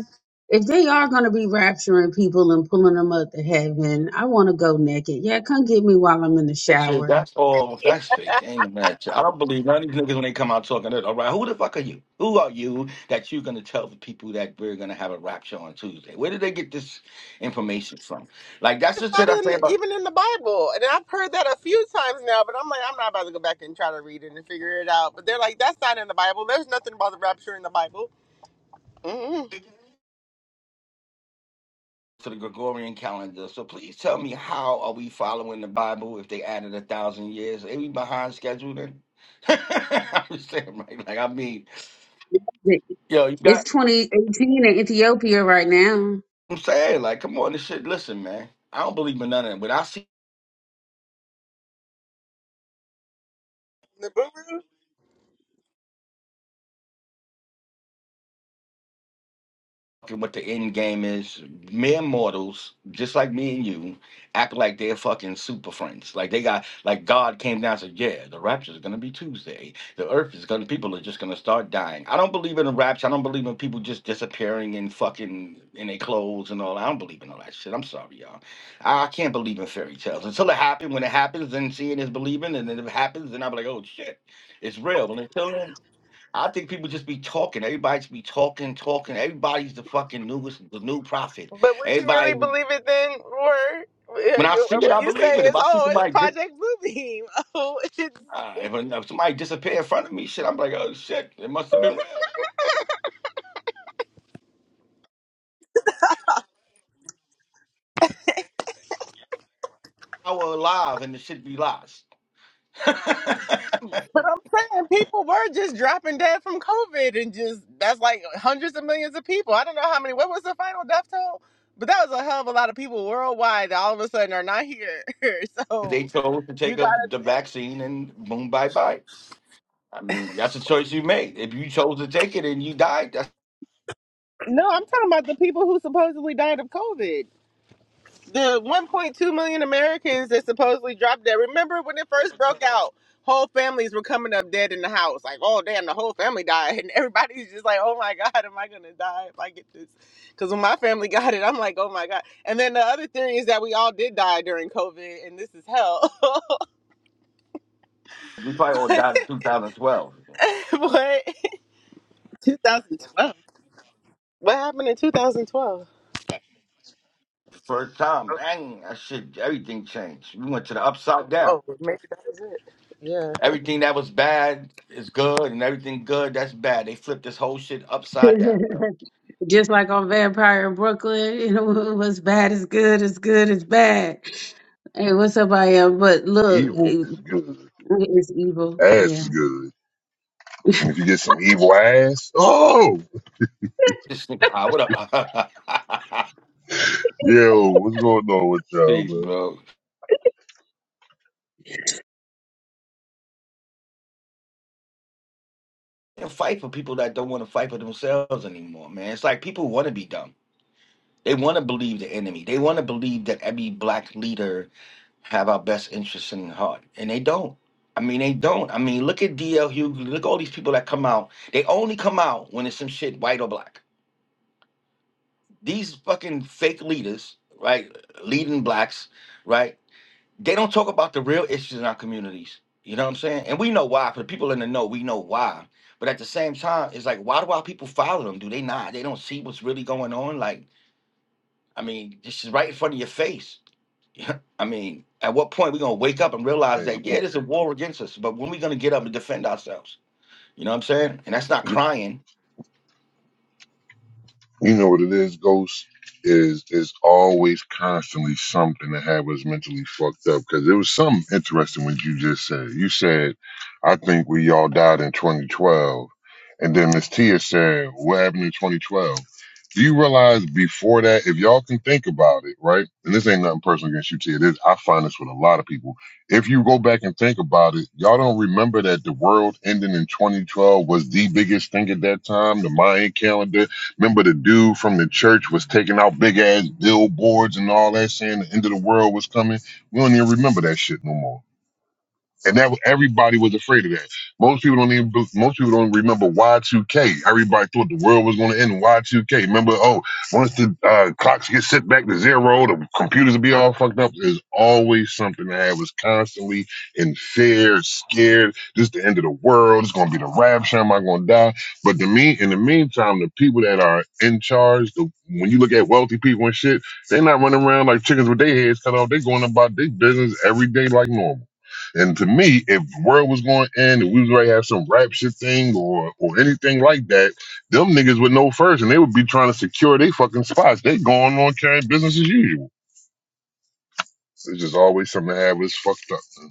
S3: if they are going to be rapturing people and pulling them up to heaven, I want to go naked. Yeah, come get me while I'm in the
S1: That shit,
S3: shower.
S1: that's all. That's fake. Ain't a match. I don't believe none of these niggas when they come out talking that. All right, who the fuck are you? Who are you that you're gonna tell the people that we're gonna have a rap show on Tuesday? Where did they get this information from? Like that's
S4: it's
S1: the
S4: not
S1: shit I
S4: in
S1: say about
S4: even in the Bible, and I've heard that a few times now. But I'm like, I'm not about to go back and try to read it and figure it out. But they're like, that's not in the Bible. There's nothing about the rapture in the Bible. Mm-hmm.
S1: to the Gregorian calendar. So please tell me how are we following the Bible if they added a thousand years? Are we behind schedule then? I'm just saying, right? Like I mean, yo, you
S3: It's
S1: got.
S3: 2018 in Ethiopia right now.
S1: I'm saying, like, come on, this shit. Listen, man, I don't believe in none of it, but I see. what the end game is. Mere mortals, just like me and you, act like they're fucking super friends. Like they got, like God came down and said, yeah, the rapture is going to be Tuesday. The earth is going to, people are just going to start dying. I don't believe in a rapture. I don't believe in people just disappearing and fucking in their clothes and all. I don't believe in all that shit. I'm sorry, y'all. I I can't believe in fairy tales. Until it happens, when it happens, then seeing is believing. And then if it happens, then I'll be like, oh shit, it's real. But until then, I think people just be talking. Everybody just be talking, talking. Everybody's the fucking newest, the new prophet.
S4: But would you really
S1: Everybody,
S4: believe it then, or, or
S1: when I
S4: you-
S1: see it, I
S4: you say
S1: believe it. If
S4: it's
S1: I see
S4: oh, it's
S1: somebody, dis-
S4: Project Bluebeam? Oh, it's.
S1: uh, if, if somebody disappear in front of me, shit, I'm like, oh shit, it must have been real. I was alive, and the shit be lies.
S4: But I'm saying people were just dropping dead from COVID and just that's like hundreds of millions of people. I don't know how many. What was the final death toll? But that was a hell of a lot of people worldwide that all of a sudden are not here.
S1: they
S4: so
S1: chose to
S4: you
S1: take up
S4: gotta
S1: the
S4: think.
S1: vaccine, and boom, bye bye. I mean, that's a choice you made. If you chose to take it and you died, that's
S4: No, I'm talking about the people who supposedly died of COVID. the 1.2 million Americans that supposedly dropped dead. Remember when it first broke out, whole families were coming up dead in the house. Like, oh damn, the whole family died, and everybody's just like, oh my god, am I gonna die if I get this? Because when my family got it, I'm like, oh my god. And then the other theory is that we all did die during COVID, and this is hell.
S1: we probably all died in 2012.
S4: What? 2012. What happened in 2012?
S1: First time, dang, that shit, everything changed. We went to the upside down.
S4: Oh, maybe that was it. Yeah.
S1: Everything that was bad is good, and everything good that's bad. They flipped this whole shit upside down. Bro.
S3: Just like on Vampire in Brooklyn, you know, what's bad is good, it's good, it's bad. Hey, what's up, I am? But look,
S6: Evil
S3: it-
S6: is good.
S3: it's evil.
S6: Ass is
S3: Yeah,
S6: good. And if you get some evil ass, oh,
S1: This nigga, ah, what up?
S6: yo, what's going on with y'all,
S1: Please,
S6: man?
S1: bro. And fight for people that don't want to fight for themselves anymore, man. It's like people want to be dumb. They want to believe the enemy. They want to believe that every black leader have our best interests in heart, and they don't. I mean, they don't. I mean, look at D.L. Hughley. Look at all these people that come out. They only come out when it's some shit white or black. these fucking fake leaders, right, leading blacks, right, they don't talk about the real issues in our communities. You know what I'm saying? And we know why. For the people in the know, we know why. But at the same time, it's like, why do our people follow them? Do they not? They don't see what's really going on. Like, I mean, this is right in front of your face. I mean, at what point we gonna wake up and realize that yeah,
S6: Hey,
S1: there's a war against us, but when we gonna get up and defend ourselves? You know what I'm saying? And that's not crying.
S6: You know what it is, Ghost is is always constantly something that have us mentally fucked up. Because there was something interesting what you just said. You said, "I think we all died in 2012," and then Miss Tia said, "What happened in 2012?" Do you realize before that, if y'all can think about it, right? And this ain't nothing personal against you, Tia. This I find this with a lot of people. If you go back and think about it, y'all don't remember that the world ending in 2012 was the biggest thing at that time. The Mayan calendar Remember the dude from the church was taking out big ass billboards and all that saying the end of the world was coming. We don't even remember that shit no more. And that everybody was afraid of that. Most people don't even most people don't remember Y2K. Everybody thought the world was going to end in Y2K. Remember, oh, once the uh, clocks get set back to zero, the computers will be all fucked up. There's always something I was constantly in fear, scared. This is the end of the world. It's going to be the rapture. Am I going to die? But to me, in the meantime, the people that are in charge, the, when you look at wealthy people and shit, they're not running around like chickens with their heads cut off. They're going about their business every day like normal. And to me, if the world was going to end, if we was going to have some rapture thing or or anything like that, them niggas would know first, and they would be trying to secure their fucking spots. They going on carrying business as usual. It's just always something to have us fucked up. Man.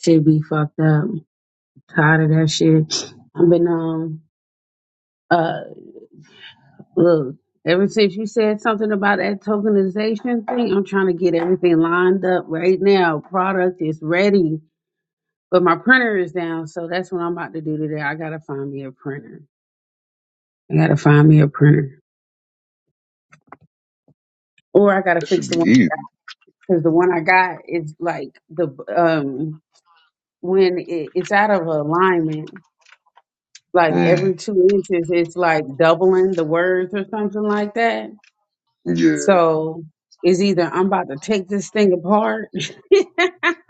S3: should be fucked up. Tired of that shit. I've been um. uh. Look, ever since you said something about that tokenization thing, I'm trying to get everything lined up right now. Product is ready, but my printer is down, so that's what I'm about to do today. I gotta find me a printer. I gotta find me a printer, or I gotta
S6: That
S3: fix
S6: should
S3: the one
S6: be easy.
S3: because the one I got is like the um when it, it's out of alignment. Like
S6: Mm,
S3: every two inches, it's like doubling the words or something like that.
S6: yeah,
S3: So it's either I'm about to take this thing apart.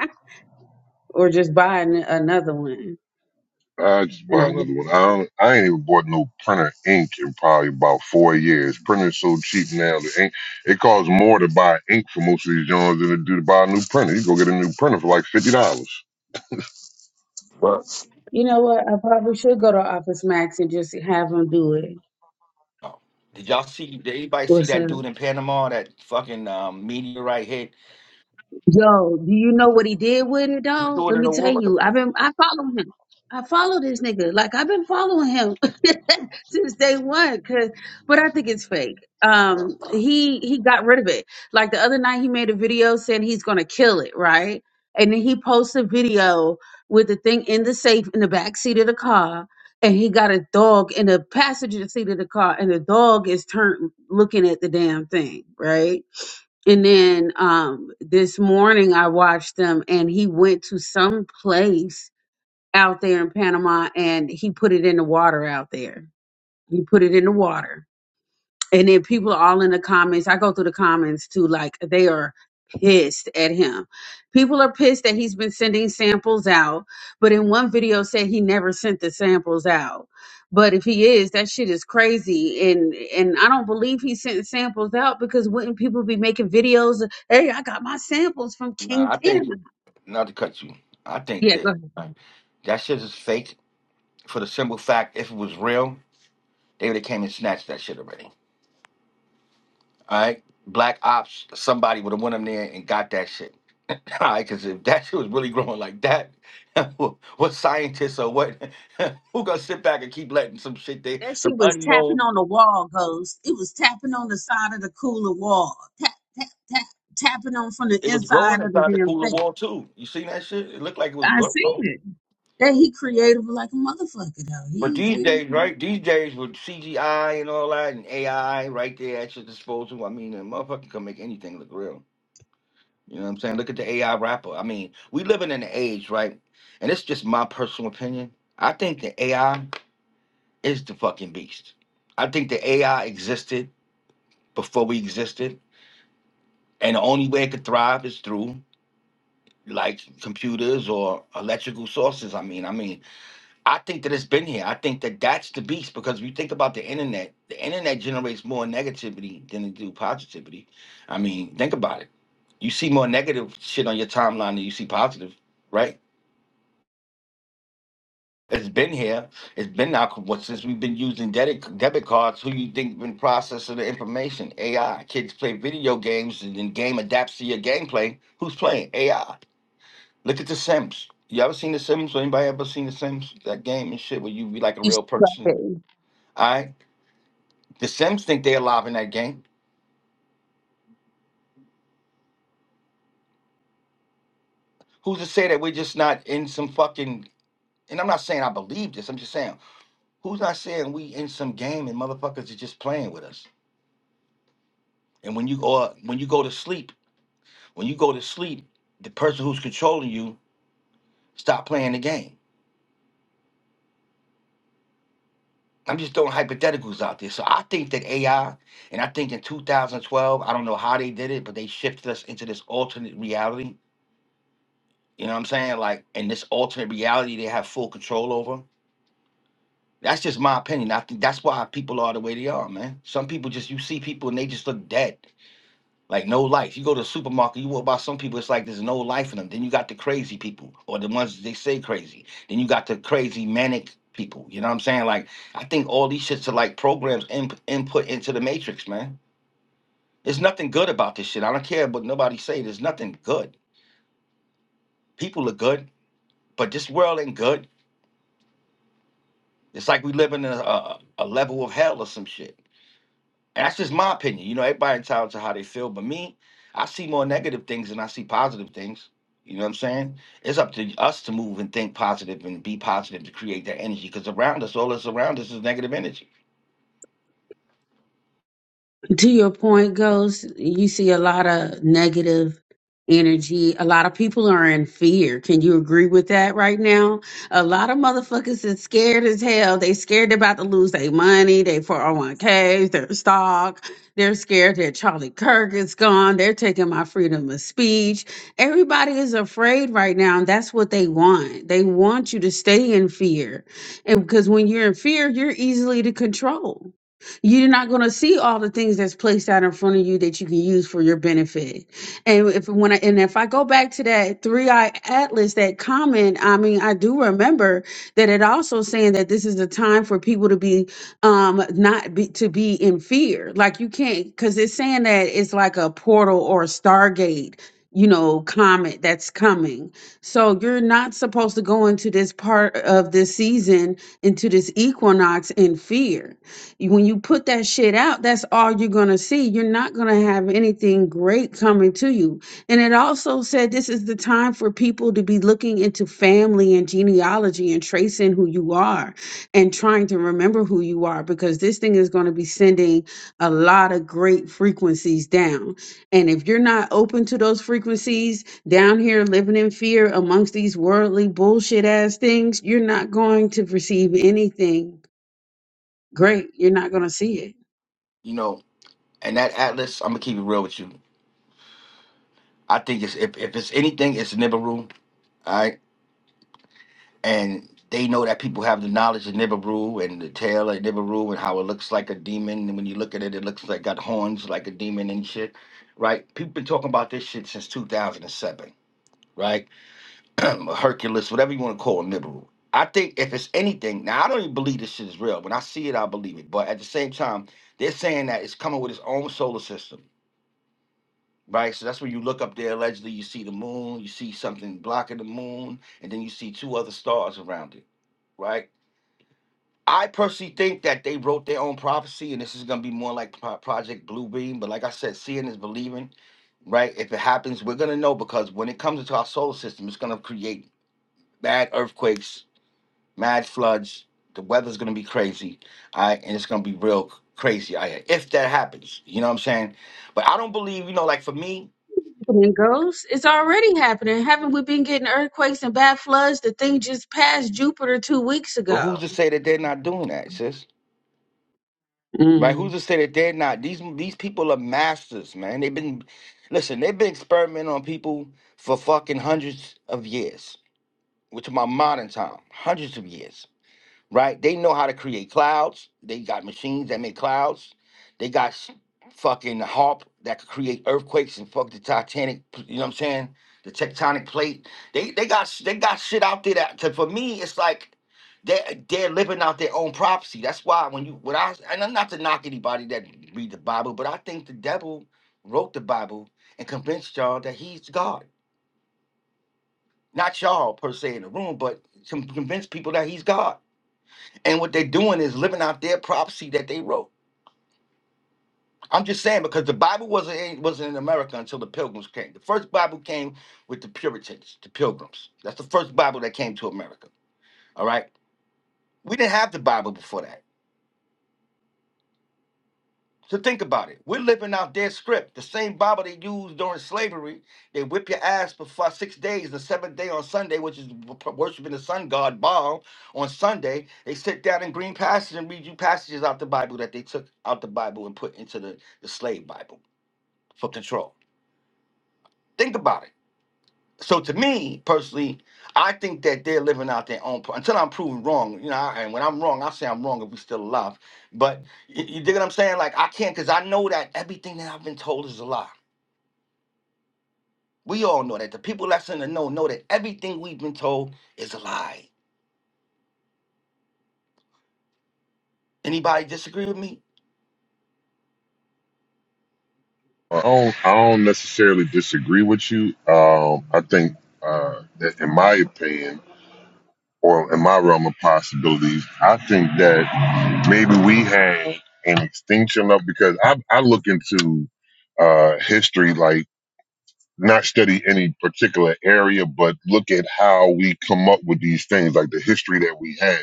S3: or just buy an, another one.
S6: I just
S3: And I,
S6: bought another one. I don't, I ain't even bought no printer ink in probably about four years. Printer's so cheap now. The ink it costs more to buy ink for most of these joints than it do to buy a new printer. You go get a new printer for like fifty dollars.
S3: you know what? I probably should go to Office Max and just have them do it.
S1: Oh, did y'all see? Did anybody see
S3: What's
S1: that
S3: up?
S1: dude in Panama? That fucking um, meteorite hit.
S3: Yo, do you know what he did with it
S1: He
S3: though?
S1: threw it
S3: Let
S1: in
S3: me
S1: the
S3: tell
S1: water.
S3: you, I've been I follow him. I follow this nigga. Like I've been following him since day one. Cause, but I think it's fake. Um, he he got rid of it. Like the other night, he made a video saying he's gonna kill it, right? And then he posts a video with the thing in the safe in the back seat of the car, and he got a dog in the passenger seat of the car, and the dog is turned looking at the damn thing, right? And then um this morning I watched him and he went to some place out there in Panama and he put it in the water out there. He put it in the water and then people are all in the comments. I go through the comments too, like they are pissed at him. People are pissed that he's been sending samples out, but in one video said he never sent the samples out. But if he is, that shit is crazy. And and I don't believe he sent samples out because wouldn't people be making videos? of, Hey, I got my samples from King
S1: Nah, I
S3: Panama.
S1: think not to cut you. I think
S3: Yeah,
S1: that
S3: go ahead.
S1: um, that shit is fake. For the simple fact, if it was real, they would have came and snatched that shit already. All right, Black Ops. Somebody would have went in there and got that shit. All right, because if that shit was really growing like that, what scientists or what? who gonna sit back and keep letting some shit they
S3: That she
S1: some
S3: was
S1: unknown
S3: tapping on the wall, Ghost. It was tapping on the side of the cooler wall. Tap, tap, tap, tapping on from the
S1: It was growing
S3: inside of the
S1: inside the
S3: damn
S1: cooler
S3: thing.
S1: wall too. You seen that shit? It looked like it was
S3: I
S1: gro-
S3: seen
S1: growing.
S3: it. That he creative like a motherfucker though.
S1: But
S3: He's
S1: these days,
S3: very
S1: right? These days with CGI and all that and AI right there at your disposal. I mean, a motherfucker can make anything look real. You know what I'm saying? Look at the AI rapper. I mean, we living in an age, right? And it's just my personal opinion. I think the AI is the fucking beast. I think the AI existed before we existed, and the only way it could thrive is through like computers or electrical sources. I mean, I mean. I think that it's been here. I think that that's the beast because if you think about the internet, the internet generates more negativity than it do positivity. I mean, think about it. You see more negative shit on your timeline than you see positive, right? It's been here. It's been out what since we've been using debit debit cards. Who you think been processing the information? AI. Kids play video games and then game adapts to your gameplay. Who's playing AI? Look at The Sims. You ever seen The Sims? Anybody ever seen The Sims? That game and shit where you be like a
S3: he's
S1: real person. All right The Sims think they're alive in that game. Who's to say that we're just not in some fucking? And I'm not saying I believe this. I'm just saying who's not saying we in some game and motherfuckers are just playing with us. And when you or when you go to sleep, when you go to sleep, the person who's controlling you stop playing the game. I'm just throwing hypotheticals out there. So I think that AI, and I think in 2012, I don't know how they did it, but they shifted us into this alternate reality. You know what I'm saying? Like in this alternate reality, they have full control over. That's just my opinion. I think that's why people are the way they are, man. Some people just you see people and they just look dead, like no life. You go to the supermarket, you walk by some people, it's like there's no life in them. Then you got the crazy people, or the ones that they say crazy. Then you got the crazy manic people. You know what I'm saying? Like I think all these shits are like programs in, input into the matrix, man. There's nothing good about this shit. I don't care what nobody say. There's nothing good. People are good, but this world ain't good. It's like we living in a, a, a level of hell or some shit. that's just my opinion. You know, everybody entitled to how they feel, but me, I see more negative things than I see positive things. You know what I'm saying? It's up to us to move and think positive and be positive to create that energy. Because around us, all that's around us is negative energy.
S3: to your point goes you see a lot of negative energy a lot of people are in fear can you agree with that right now a lot of motherfuckers is scared as hell they scared about to lose their money their 401ks their stock they're scared that charlie kirk is gone they're taking my freedom of speech everybody is afraid right now and that's what they want they want you to stay in fear and because when you're in fear you're easily to control you're not going to see all the things that's placed out in front of you that you can use for your benefit. And if when I, and if I go back to that three eye atlas, that comment, I mean, I do remember that it also saying that this is a time for people to be um not be to be in fear. Like you can't because it's saying that it's like a portal or a stargate. You know, comet that's coming. So you're not supposed to go into this part of this season, into this equinox in fear you- When you put that shit out, that's all you're going to see. You're not going to have anything great coming to you. And it also said this is the time for people to be looking into family and genealogy and tracing who you are and trying to remember who you are because this thing is going to be sending a lot of great frequencies down. And if you're not open to those frequencies down here living in fear amongst these worldly bullshit ass things, you're not going to receive anything great. You're not going to see it.
S1: You know, and that Atlas, I'm gonna keep it real with you. I think it's if, if it's anything, it's Nibiru. All right. and they know that people have the knowledge of Nibiru and the tail of Nibiru and how it looks like a demon. And when you look at it, it looks like got horns like a demon and shit, right? People been talking about this shit since 2007, right? Hercules, whatever you want to call Nibiru. I think if it's anything, now I don't even believe this shit is real. When I see it, I believe it. But at the same time, they're saying that it's coming with its own solar system, right? So that's when you look up there, allegedly, you see the moon, you see something blocking the moon, and then you see two other stars around it, right? I personally think that they wrote their own prophecy, and this is gonna be more like Pro- Project Bluebeam. But like I said, seeing is believing, right? If it happens, we're gonna know because when it comes into our solar system, it's gonna create bad earthquakes, mad floods. The weather's gonna be crazy, all right, and it's gonna be real c- crazy out here if that happens. You know what I'm saying? But I don't believe, you know, like for me.
S3: Happening goes. It's already happening. Haven't we been getting earthquakes and bad floods? The thing just passed Jupiter two weeks
S1: But who's
S3: ago.
S1: to say that they're not doing that, sis? Right? Who's
S3: Mm.
S1: to say that they're not? These these people are masters, man. They've been listen, they've been experimenting on people for fucking hundreds of years. Which are my modern time, hundreds of years right? They know how to create clouds. They got machines that make clouds. They got s- fucking harp that could create earthquakes and fuck the Titanic. You know what I'm saying? The tectonic plate. They they got s- they got shit out there that to, for me it's like they they're living out their own prophecy. That's why when you when I and I'm not to knock anybody that read the Bible, but I think the devil wrote the Bible and convinced y'all that he's God. Not y'all per se in the room, but con- convinced people that he's God and what they're doing is living out their prophecy that they wrote. I'm just saying because the Bible wasn't in- wasn't in America until the Pilgrims came. The first Bible came with the Puritans, the Pilgrims. That's the first Bible that came to America. All right, we didn't have the Bible before that. So think about it. We're living out their script, the same Bible they used during slavery. They whip your ass for five, six days, the seventh day on Sunday, which is worshiping the sun god Baal on Sunday. They sit down in green pastures and read you passages out the Bible that they took out the Bible and put into the, the slave Bible for control. Think about it. So to me personally, I think that they're living out their own. pro- Until I'm proven wrong, you know. I, and when I'm wrong, I say I'm wrong if we still alive. But you, you dig what I'm saying? Like I can't, cause I know that everything that I've been told is a lie. We all know that. The people that's in the know know that everything we've been told is a lie. Anybody disagree with me?
S6: I don't, I don't necessarily disagree with you. Um, I think uh, that, in my opinion, or in my realm of possibilities, I think that maybe we had an extinction of because I, I look into uh, history. Like not study any particular area, but look at how we come up with these things, like the history that we have.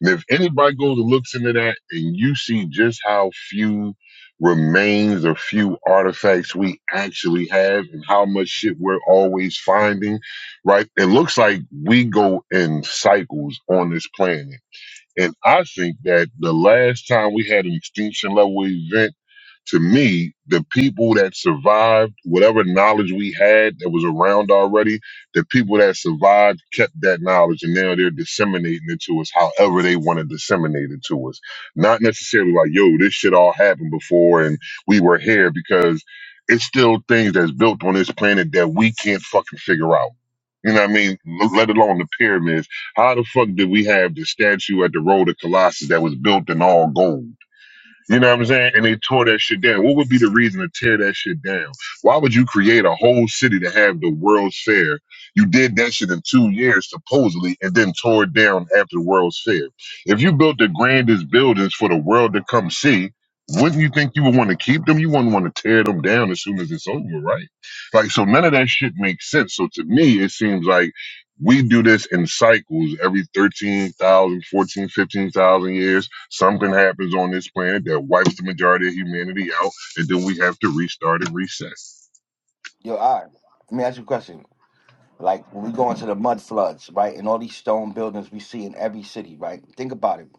S6: And if anybody goes and looks into that and you see just how few remains or few artifacts we actually have and how much shit we're always finding, right? It looks like we go in cycles on this planet and I think that the last time we had an extinction level event, to me, the people that survived, whatever knowledge we had that was around already, the people that survived kept that knowledge and now they're disseminating it to us however they want to disseminate it to us. Not necessarily like, yo, this shit all happened before and we were here because it's still things that's built on this planet that we can't fucking figure out. You know what I mean? Let alone the pyramids how the fuck did we have the statue at the Road of Colossus that was built in all gold? You know what I'm saying? And they tore that shit down. What would be the reason to tear that shit down? Why would you create a whole city to have the World's Fair? You did that shit in two years, supposedly, and then tore it down after the World's Fair. If you built the grandest buildings for the world to come see, wouldn't you think you would want to keep them? You wouldn't want to tear them down as soon as it's over, right? Like, so none of that shit makes sense. So to me, it seems like we do this in cycles every 13,000, 14, 15,000 years Something happens on this planet that wipes the majority of humanity out, and then we have to restart and reset.
S1: Yo, all right. Let me ask you a question. Like when we go into the mud floods, right, and all these stone buildings we see in every city, right? Think about it.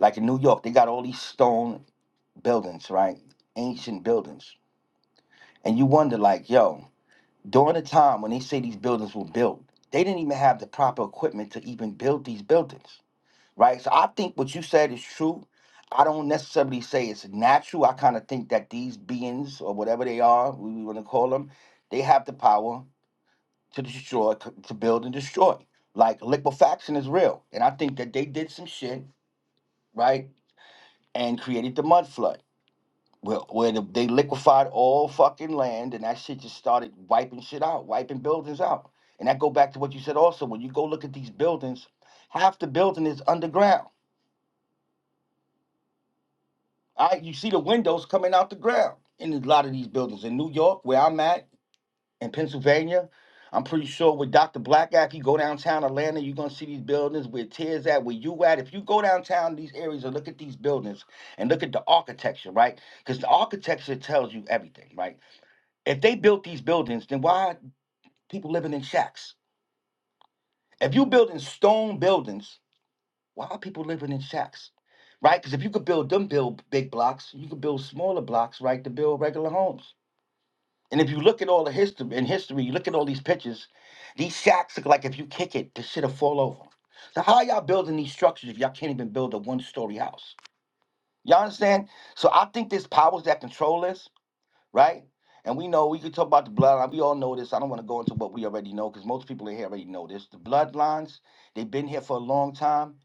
S1: Like in New York, they got all these stone buildings, right? Ancient buildings and you wonder like yo during the time when they say these buildings were built they didn't even have the proper equipment to even build these buildings right so i think what you said is true i don't necessarily say it's natural i kind of think that these beings or whatever they are we want to call them they have the power to destroy c- to build and destroy like liquefaction is real and i think that they did some shit right and created the mud flood where, where the, they liquefied all fucking land and that shit just started wiping shit out, wiping buildings out. And that go back to what you said also. When you go look at these buildings, half the building is underground. All right, you see the windows coming out the ground in a lot of these buildings. In New York, where I'm at, in Pennsylvania, I'm pretty sure with Dr. Black Act, you go downtown Atlanta, you're gonna see these buildings where Tears at, where you at. If you go downtown these areas and look at these buildings and look at the architecture, right? Because the architecture tells you everything, right? If they built these buildings, then why are people living in shacks? If you building stone buildings, why are people living in shacks? Right? Because if you could build them build big blocks, you could build smaller blocks, right, to build regular homes. And if you look at all the history in history, you look at all these pictures, these shacks look like if you kick it, the shit'll fall over. So how y'all building these structures if y'all can't even build a one-story house? Y'all understand? So I think there's powers that control this right? And we know we could talk about the bloodline. We all know this. I don't want to go into what we already know because most people in here already know this. The bloodlines, they've been here for a long time,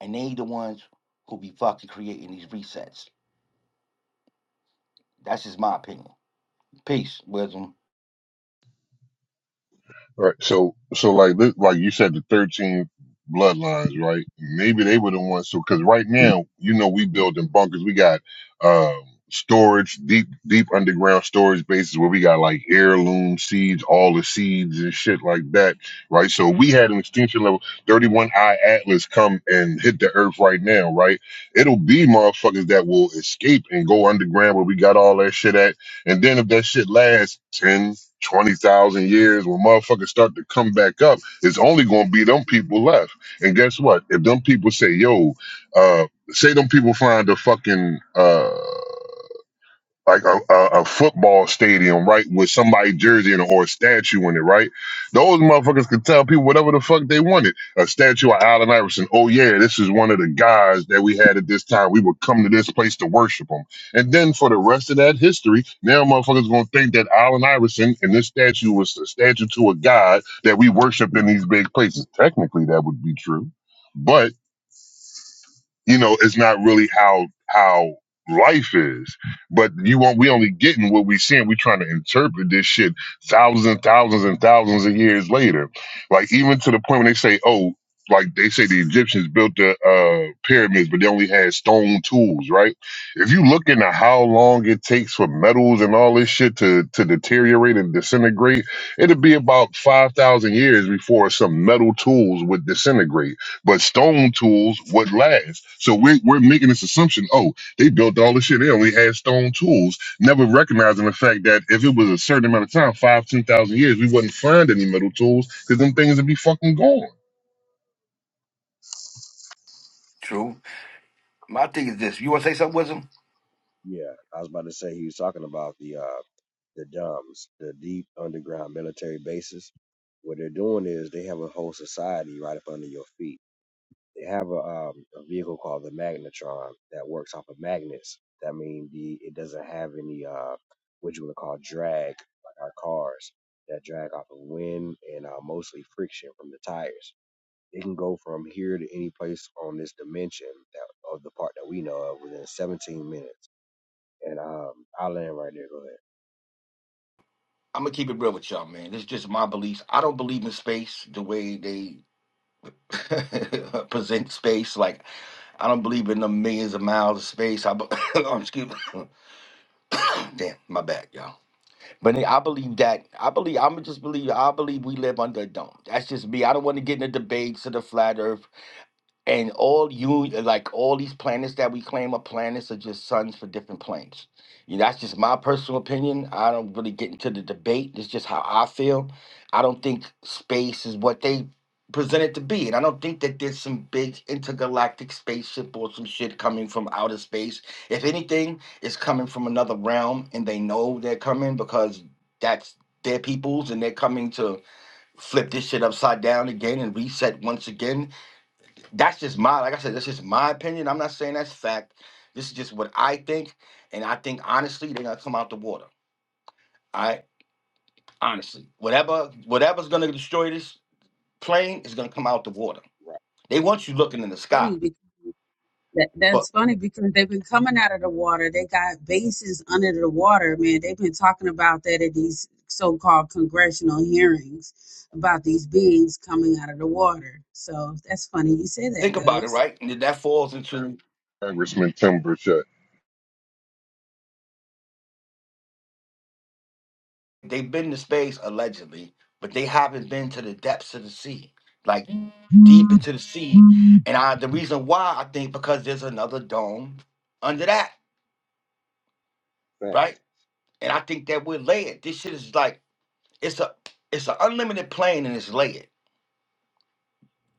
S1: and they the ones who be fucking creating these resets. That's just my opinion. Peace, wisdom.
S6: Right. So, so like, this, like you said, the 13 bloodlines, right? Maybe they were the ones. So, cause right now, you know, we building bunkers. We got, um, storage, deep, deep underground storage bases where we got like heirloom seeds, all the seeds and shit like that. Right. So we had an extinction level 31 I Atlas come and hit the earth right now. Right. It'll be motherfuckers that will escape and go underground where we got all that shit at. And then if that shit lasts 10, twenty thousand years, when motherfuckers start to come back up, it's only gonna be them people left. And guess what? If them people say, "Yo," uh, say them people find a fucking uh like a, a, a football stadium, right, with somebody jersey in it or a statue in it, right? Those motherfuckers could tell people whatever the fuck they wanted. A statue of Allen Iverson. Oh yeah, this is one of the guys that we had at this time. We would come to this place to worship him. And then for the rest of that history, now motherfuckers gonna think that Allen Iverson and this statue was a statue to a god that we worship in these big places. Technically, that would be true, but you know, it's not really how how life is. But you won't we only getting what we seeing. We trying to interpret this shit thousands and thousands and thousands of years later. Like even to the point when they say, oh, like they say the Egyptians built the uh, pyramids, but they only had stone tools, right? If you look into how long it takes for metals and all this shit to to deteriorate and disintegrate, it'll be about five thousand years before some metal tools would disintegrate but stone tools would last. So we're, we're making this assumption, oh, they built all this shit. They only had stone tools, never recognizing the fact that if it was a certain amount of time, five, ten thousand years, we wouldn't find any metal tools because them things would be fucking gone.
S1: True. My thing is this. You want to say something, wisdom?
S7: Yeah, I was about to say he was talking about the uh the DUMBs, the deep underground military bases. What they're doing is they have a whole society right up under your feet. They have a um a vehicle called the magnetron that works off of magnets. That means the it doesn't have any uh what you would call drag like our cars that drag off of wind and uh, mostly friction from the tires. It can go from here to any place on this dimension that of the part that we know of within 17 minutes and um, I'll land right there. Go ahead.
S1: I'm gonna keep it real with y'all, man. This is just my beliefs. I don't believe in space the way they present space. Like I don't believe in the millions of miles of space. I, be- excuse me. Damn, my bad, y'all. But I believe that I believe I'm just believe I believe we live under a dome. That's just me. I don't want to get into debates of the flat earth and all you like all these planets that we claim are planets are just suns for different planes. You know, that's just my personal opinion. I don't really get into the debate. It's just how I feel. I don't think space is what they present it to be. And I don't think that there's some big intergalactic spaceship or some shit coming from outer space. If anything, it's coming from another realm and they know they're coming because that's their peoples and they're coming to flip this shit upside down again and reset once again that's just my like I said, that's just my opinion. I'm not saying that's fact. This is just what I think, and I think honestly they're gonna come out the water. All right, honestly, whatever whatever's gonna destroy this plane is gonna come out the water. They want you looking in the sky,
S3: Funny because that,
S1: but
S3: that's funny because they've been coming out of the water. They got bases under the water, man. They've been talking about that at these so-called congressional hearings about these beings coming out of the water. So that's funny you say that,
S1: think about it,
S3: Ghost.
S1: right? And that falls into
S6: Congressman Tim Burchett.
S1: they've been to space allegedly, but they haven't been to the depths of the sea, like deep into the sea. And I the reason why I think because there's another dome under that,
S7: Right.
S1: right?
S7: Facts.
S1: And I think that we're layered. This shit is like it's a it's an unlimited plane and it's layered.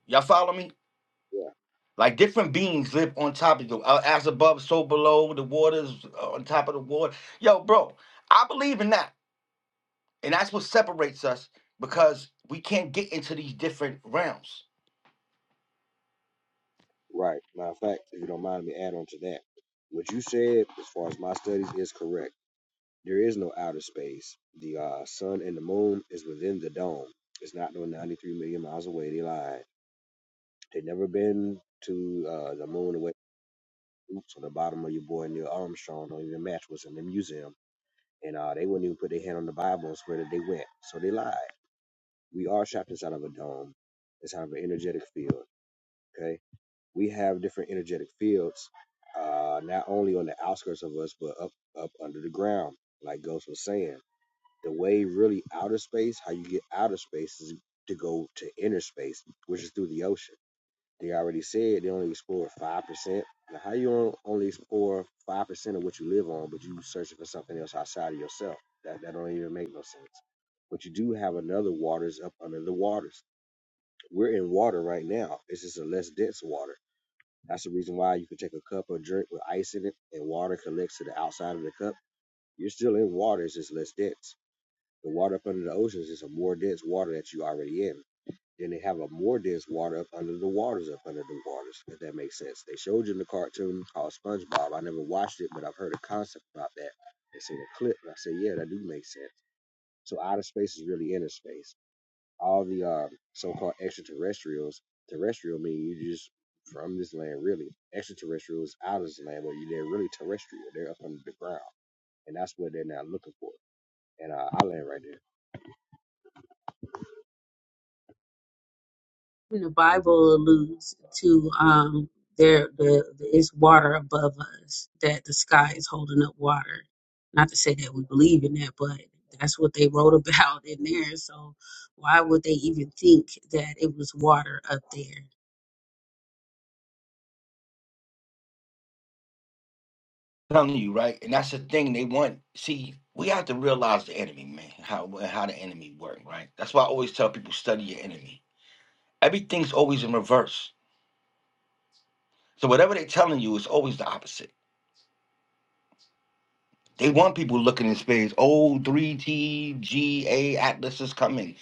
S1: Y'all follow me?
S7: Yeah.
S1: Like different beings live on top of you, uh, as above, so below. The waters uh, on top of the water. Yo, bro, I believe in that, and that's what separates us because we can't get into these different realms.
S7: Right. Matter of fact, if you don't mind me add on to that. What you said as far as my studies is correct. There is no outer space. The uh, sun and the moon is within the dome. It's not no 93 million miles away. They lied. They never been to uh, the moon away. Oops, on the bottom of your boy Neil Armstrong don't even match what's in the museum. And uh, they wouldn't even put their hand on the Bible and swear that they went. So they lied. We are trapped inside of a dome, inside of an energetic field. Okay? we have different energetic fields, uh, not only on the outskirts of us, but up up under the ground, like Ghost was saying. The way really outer space, how you get outer space is to go to inner space, which is through the ocean. They already said they only explore five percent. Now how you only explore five percent of what you live on, but you searching for something else outside of yourself. That that don't even make no sense. But you do have another waters up under the waters. We're in water right now. It's just a less dense water that's the reason why you can take a cup of drink with ice in it and water collects to the outside of the cup. You're still in water, it's just less dense. The water up under the oceans is a more dense water that you already in. Then they have a more dense water up under the waters, up under the waters, if that makes sense. They showed you in the cartoon called SpongeBob. I never watched it, but I've heard a concept about that. They seen a clip, and I said, yeah, that do make sense. So outer space is really inner space all the uh, so-called extraterrestrials. Terrestrial mean you just from this land, really. Extraterrestrials out of this land, but they're really terrestrial. They're up under the ground, and that's what they're not looking for. And uh, I land right there.
S3: In the Bible alludes to um there the, the it's water above us that the sky is holding up water. Not to say that we believe in that, but that's what they wrote about in there. So why would they even think that it was water up there?
S1: telling you right, and that's the thing they want. See, we have to realize the enemy, man. How how the enemy work, right? That's why I always tell people study your enemy. Everything's always in reverse. So whatever they're telling you is always the opposite. They want people looking in space. Oh, three tga Atlas is coming.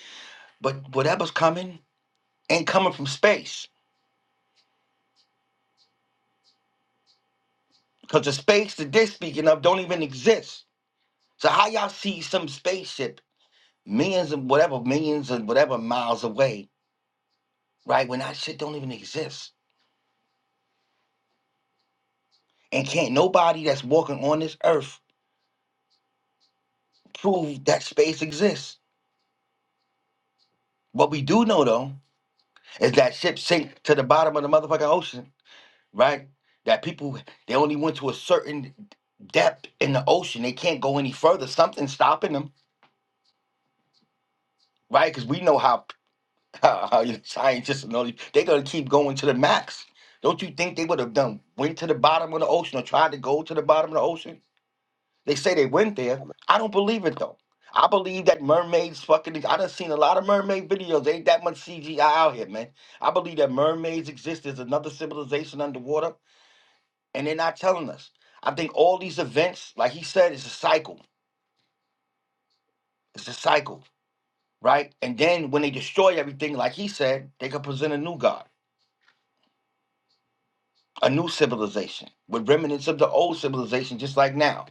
S1: But whatever's coming ain't coming from space. Because the space that they're speaking of don't even exist. So how y'all see some spaceship millions and whatever, millions and whatever miles away, right? When that shit don't even exist. And can't nobody that's walking on this earth prove that space exists. What we do know though is that ship sink to the bottom of the motherfucking ocean right? That people they only went to a certain depth in the ocean. They can't go any further. Something's stopping them, right? Because we know how, how, how you know, scientists and all these- they're gonna keep going to the max. Don't you think they would have done went to the bottom of the ocean or tried to go to the bottom of the ocean? They say they went there.
S7: I'm a
S1: I don't believe it though. I believe that mermaids fucking. I done seen a lot of mermaid videos. Ain't that much CGI out here, man. I believe that mermaids exist. There's another civilization underwater and they're not telling us. I think all these events, like he said, is a cycle. It's a cycle, right? And then when they destroy everything, like he said, they could present a new God. a new civilization with remnants of the old civilization, just like now.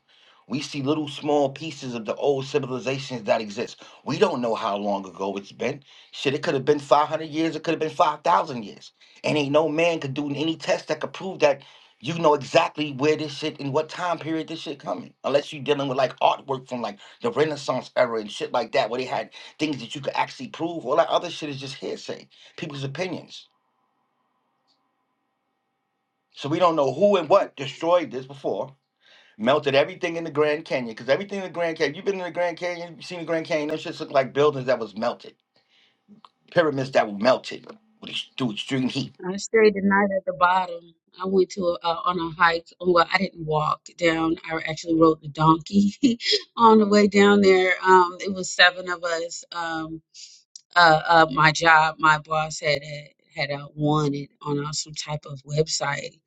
S1: We see little small pieces of the old civilizations that exist. We don't know how long ago it's been. Shit, it could have been 500 years, it could have been 5,000 years. And ain't no man could do any test that could prove that you know exactly where this shit and what time period this shit coming. Unless you're dealing with like artwork from like the Renaissance era and shit like that, where they had things that you could actually prove. All that other shit is just hearsay, people's opinions. So we don't know who and what destroyed this before melted everything in the Grand Canyon. Because everything in the Grand Canyon, you've been in the Grand Canyon, you've seen the Grand Canyon, those shits look like buildings that was melted, pyramids that were melted with ex- through extreme heat.
S3: I stayed the night at the bottom. I went to a, uh, on a hike. Well, I didn't walk down. I actually rode the donkey on the way down there. Um, it was seven of us. Um, uh, uh, my job, my boss had had uh, won it on uh, some type of website,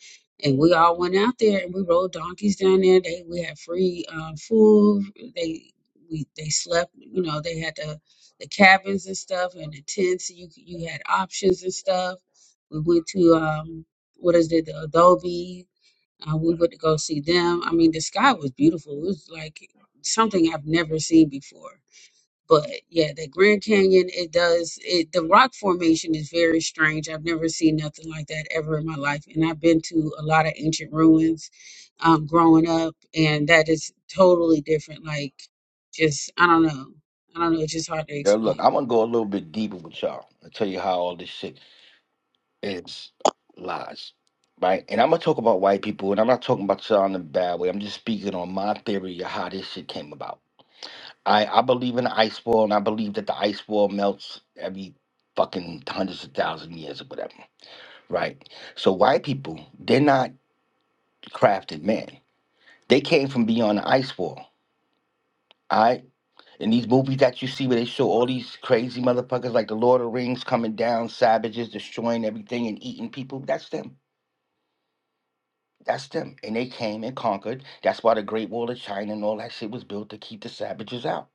S3: and we all went out there and we rode donkeys down there. They we had free uh, food. They we they slept. You know they had the the cabins and stuff and the tents. You you had options and stuff. We went to um what is it the Adobe. Uh, we went to go see them. I mean, the sky was beautiful. It was like something I've never seen before but yeah, that Grand Canyon, it does it the rock formation is very strange. I've never seen nothing like that ever in my life. And I've been to a lot of ancient ruins um growing up and that is totally different. Like just I don't know. I don't know, it's just hard to
S1: Yo, look,
S3: explain.
S1: I'm gonna go a little bit deeper with y'all and tell you how all this shit is lies, right? And I'm gonna talk about white people, and I'm not talking about y'all in a bad way. I'm just speaking on my theory of how this shit came about. I I believe in the ice wall, and I believe that the ice wall melts every fucking hundreds of thousand years or whatever, right? So white people, they're not crafted man. They came from beyond the ice wall. All right. In these movies that you see where they show all these crazy motherfuckers like the Lord of the Rings coming down, savages destroying everything and eating people, that's them. That's them. And they came and conquered. That's why the Great Wall of China and all that shit was built to keep the savages out.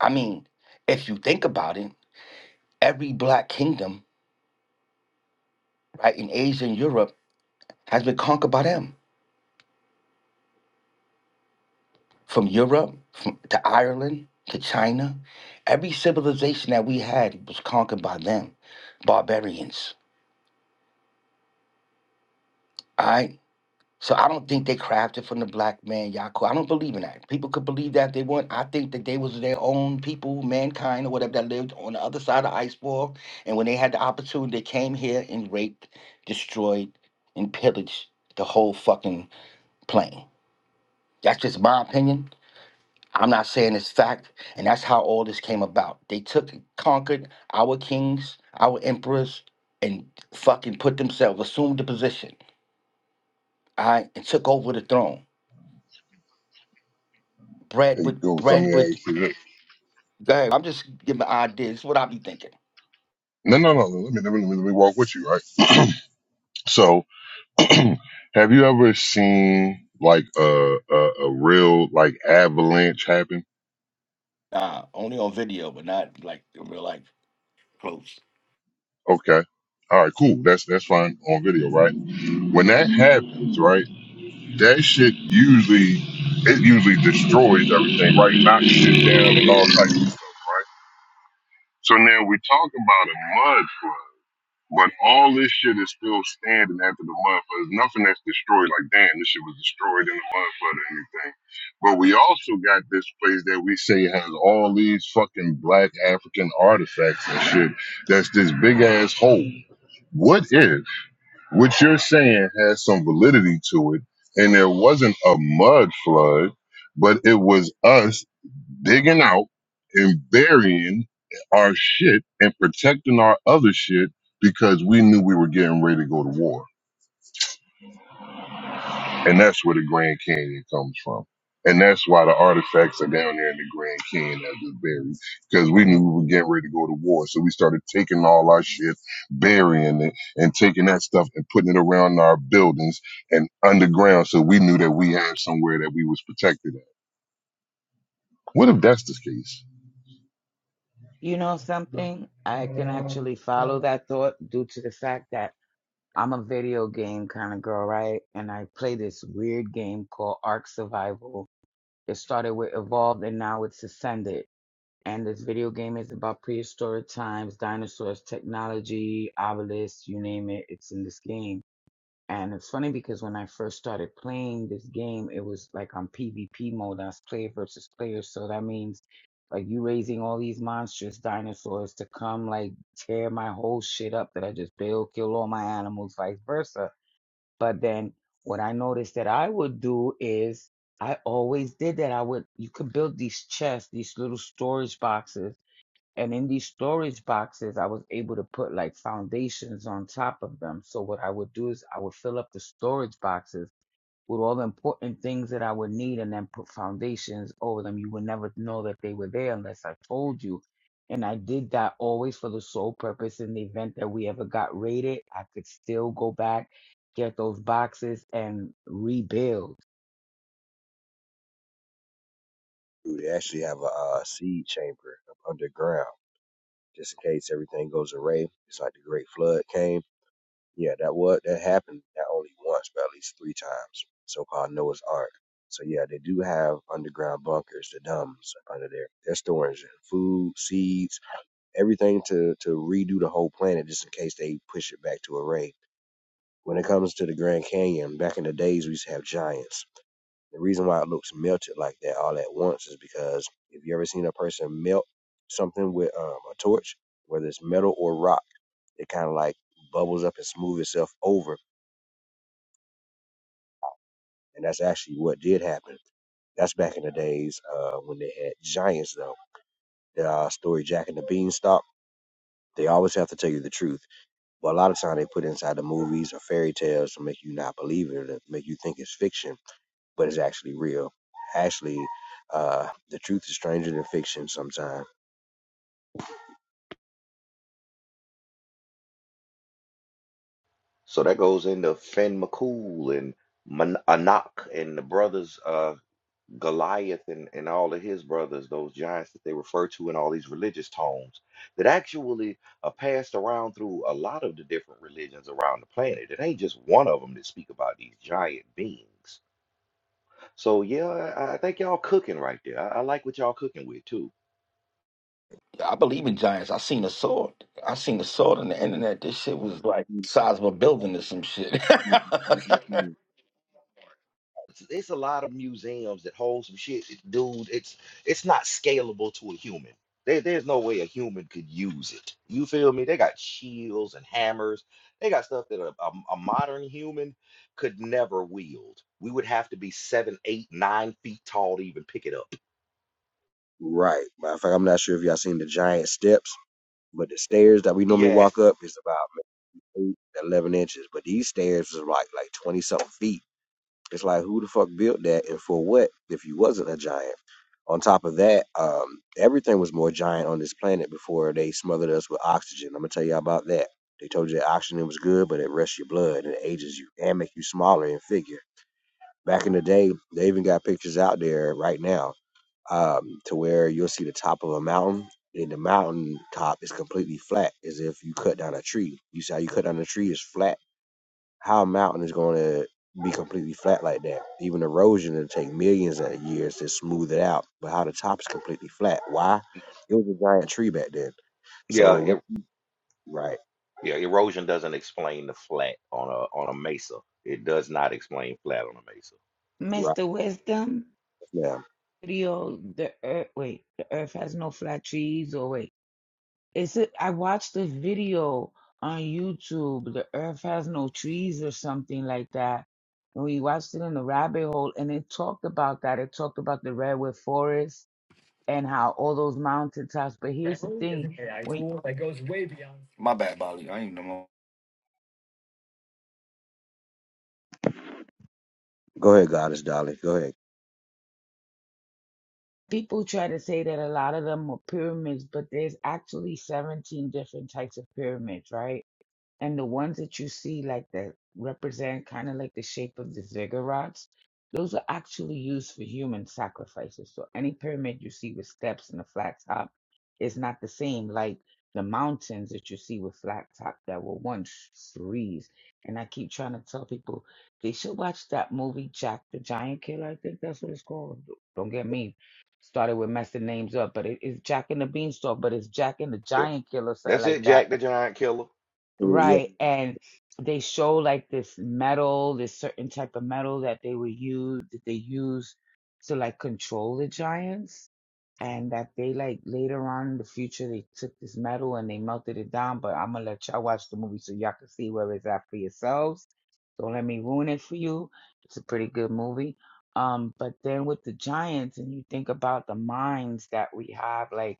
S1: I mean, if you think about it, every black kingdom, right, in Asia and Europe has been conquered by them. from Europe from, to Ireland to China. Every civilization that we had was conquered by them, barbarians. All right. So I don't think they crafted from the black man, Yaku. I don't believe in that. People could believe that if they want. I think that they was their own people, mankind or whatever that lived on the other side of the ice wall. And when they had the opportunity, they came here and raped, destroyed, and pillaged the whole fucking plane. That's just my opinion. I'm not saying it's fact, and that's how all this came about. They took and conquered our kings, our emperors, and fucking put themselves, assumed the position, all right, and took over the throne. Bread
S6: And
S1: with
S6: go, let
S1: bread
S6: me
S1: with
S6: ask you this.
S1: go ahead. I'm just giving ideas. This is what I be thinking.
S6: No, no, no. Let me, let me, let me, let me walk with you, right? So, have you ever seen like a, a a real like avalanche happen?
S1: Nah, only on video, but not like in real life. Close.
S6: Okay, all right, cool. That's that's fine on video, right? when that happens, right, that shit usually it usually destroys everything, right? Knocks shit down and all types of stuff, right? So now we talk about a mud flood, but all this shit is still standing after the mud flood. There's nothing that's destroyed. Like, damn, this shit was destroyed in the mud flood or anything. But we also got this place that we say has all these fucking black African artifacts and shit. That's this big ass hole. What if? what you're saying has some validity to it. And there wasn't a mud flood, but it was us digging out and burying our shit and protecting our other shit because we knew we were getting ready to go to war. And that's where the Grand Canyon comes from. And that's why the artifacts are down there in the Grand Canyon as it's buried. Because we knew we were getting ready to go to war. So we started taking all our shit, burying it, and taking that stuff and putting it around our buildings and underground so we knew that we had somewhere that we was protected at. What if that's the case?
S8: You know something? I can actually follow that thought due to the fact that I'm a video game kind of girl, right? And I play this weird game called Ark Survival. It started with Evolved and now it's Ascended. And this video game is about prehistoric times, dinosaurs, technology, obelisks, you name it, it's in this game. And it's funny because when I first started playing this game, it was like on PvP mode. That's player versus player. So that means like you raising all these monstrous dinosaurs to come like tear my whole shit up that I just built, kill all my animals, vice versa. But then what I noticed that I would do is I always did that. I would, you could build these chests, these little storage boxes and in these storage boxes, I was able to put like foundations on top of them. So what I would do is I would fill up the storage boxes with all the important things that I would need and then put foundations over them. You would never know that they were there unless I told you. And I did that always for the sole purpose in the event that we ever got raided, I could still go back, get those boxes and rebuild.
S7: dude. They actually have a uh, seed chamber up underground, just in case everything goes awry. It's like the Great Flood came. Yeah, that what that happened not only once, but at least three times. So called Noah's Ark. So yeah, they do have underground bunkers, the dumbs under there. They're storing food, seeds, everything to to redo the whole planet just in case they push it back to a raid. When it comes to the Grand Canyon, back in the days we used to have giants. The reason why it looks melted like that all at once is because if you ever seen a person melt something with um, a torch, whether it's metal or rock, it kind of like bubbles up and smooth itself over and that's actually what did happen. That's back in the days uh, when they had giants, though. The uh, story Jack and the Beanstalk. They always have to tell you the truth, but a lot of time they put inside the movies or fairy tales to make you not believe it, or to make you think it's fiction, but it's actually real. Actually, uh, the truth is stranger than fiction sometimes.
S9: So that goes into Finn McCool and Man- Anak and the brothers uh, Goliath and, and all of his brothers, those giants that they refer to in all these religious tomes that actually are passed around through a lot of the different religions around the planet. It ain't just one of them that speak about these giant beings. So yeah, I I think y'all cooking right there. I, I like what y'all cooking with too.
S1: I believe in giants. I seen a sword. I seen a sword on the internet. This shit was like size of a building or some shit.
S9: it's, it's a lot of museums that hold some shit, that- dude. It's it's not scalable to a human. There, there's no way a human could use it. You feel me? They got shields and hammers. They got stuff that a, a, a modern human could never wield. We would have to be seven, eight, nine feet tall to even pick it up.
S7: Right. Matter of fact, I'm not sure if y'all seen the giant steps, but the stairs that we normally walk
S9: Yes.
S7: up is about eight, eleven inches, but these stairs is like like twenty something feet It's like who the fuck built that and for what if you wasn't a giant? On top of that, um, everything was more giant on this planet before they smothered us with oxygen. I'm gonna tell you about that. They told you that oxygen was good, but it rests your blood and it ages you and make you smaller in figure. Back in the day, they even got pictures out there right now um, to where you'll see the top of a mountain. And the mountain top is completely flat, as if you cut down a tree. You see how you cut down a tree is flat how a mountain is going to be completely flat like that. Even erosion will take millions of years to smooth it out, but how the top is completely flat. Why? It was a giant tree back then. So
S9: Yeah.
S7: the one,
S9: er-
S7: right,
S9: yeah. Erosion doesn't explain the flat on a on a mesa. It does not explain flat on a mesa.
S7: right
S8: Mr. Wisdom,
S7: now.
S8: studio, the earth, wait, the earth has no flat trees or wait. It's a, I watched a video on YouTube, The Earth Has No Trees or something like that. And we watched it in the rabbit hole and it talked about that. It talked about the redwood forest and how all those mountaintops. But here's the
S1: Grammarly is
S8: thing,
S1: an AI
S8: when
S1: tool that goes way beyond. My bad, Bali. I ain't no more.
S7: Go ahead, Goddess Dolly. Go ahead.
S8: people try to say that a lot of them are pyramids, but there's actually 17 different types of pyramids, right? And the ones that you see like that represent kind of like the shape of the ziggurats, those are actually used for human sacrifices. So any pyramid you see with steps and a flat top is not the same like the mountains that you see with flat top that were once trees. And I keep trying to tell people they should watch that movie Jack the Giant Killer. I think that's what it's called. Don't get me started with messing names up, but it is Jack and the Beanstalk, but it's Jack and the
S9: Yeah.
S8: Giant Killer, something
S9: That's
S8: like
S9: it,
S8: that
S9: Jack the Giant Killer.
S7: Yeah.
S8: Right. And they show like this metal, this certain type of metal that they were use, that they use to like control the giants. And that they like later on in the future, they took this metal and they melted it down. But I'm gonna let y'all watch the movie so y'all can see where it's at for yourselves. Don't let me ruin it for you. It's a pretty good movie. Um, but then with the giants, and you think about the minds that we have, like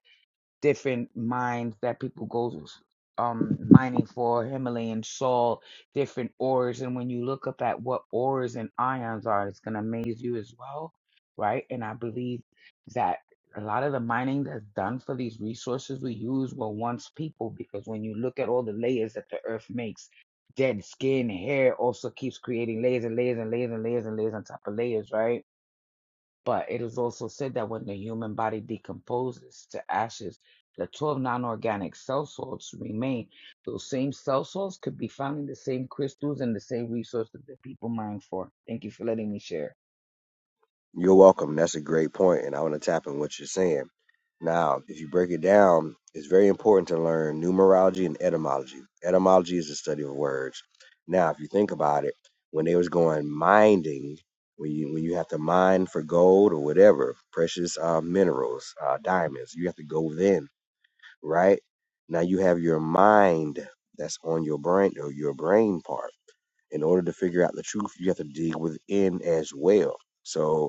S8: different mines that people go um mining for Himalayan salt, different ores, and when you look up at what ores and ions are, it's gonna amaze you as well, right? And I believe that a lot of the mining that's done for these resources we use were once people because when you look at all the layers that the earth makes, dead skin, hair also keeps creating layers and layers and layers and layers and layers on top of layers, right? But it is also said that when the human body decomposes to ashes, the 12 non organic cell salts remain. Those same cell salts could be found in the same crystals and the same resources that people mine for. Thank you for letting me share.
S7: You're welcome. That's a great point, and I want to tap in what you're saying. Now, if you break it down, it's very important to learn numerology and etymology. Etymology is the study of words. Now, if you think about it, when they was going mining, when you when you have to mine for gold or whatever, precious uh, minerals, uh, diamonds, you have to go then, right? Now you have your mind that's on your brain or your brain part. In order to figure out the truth, you have to dig within as well. So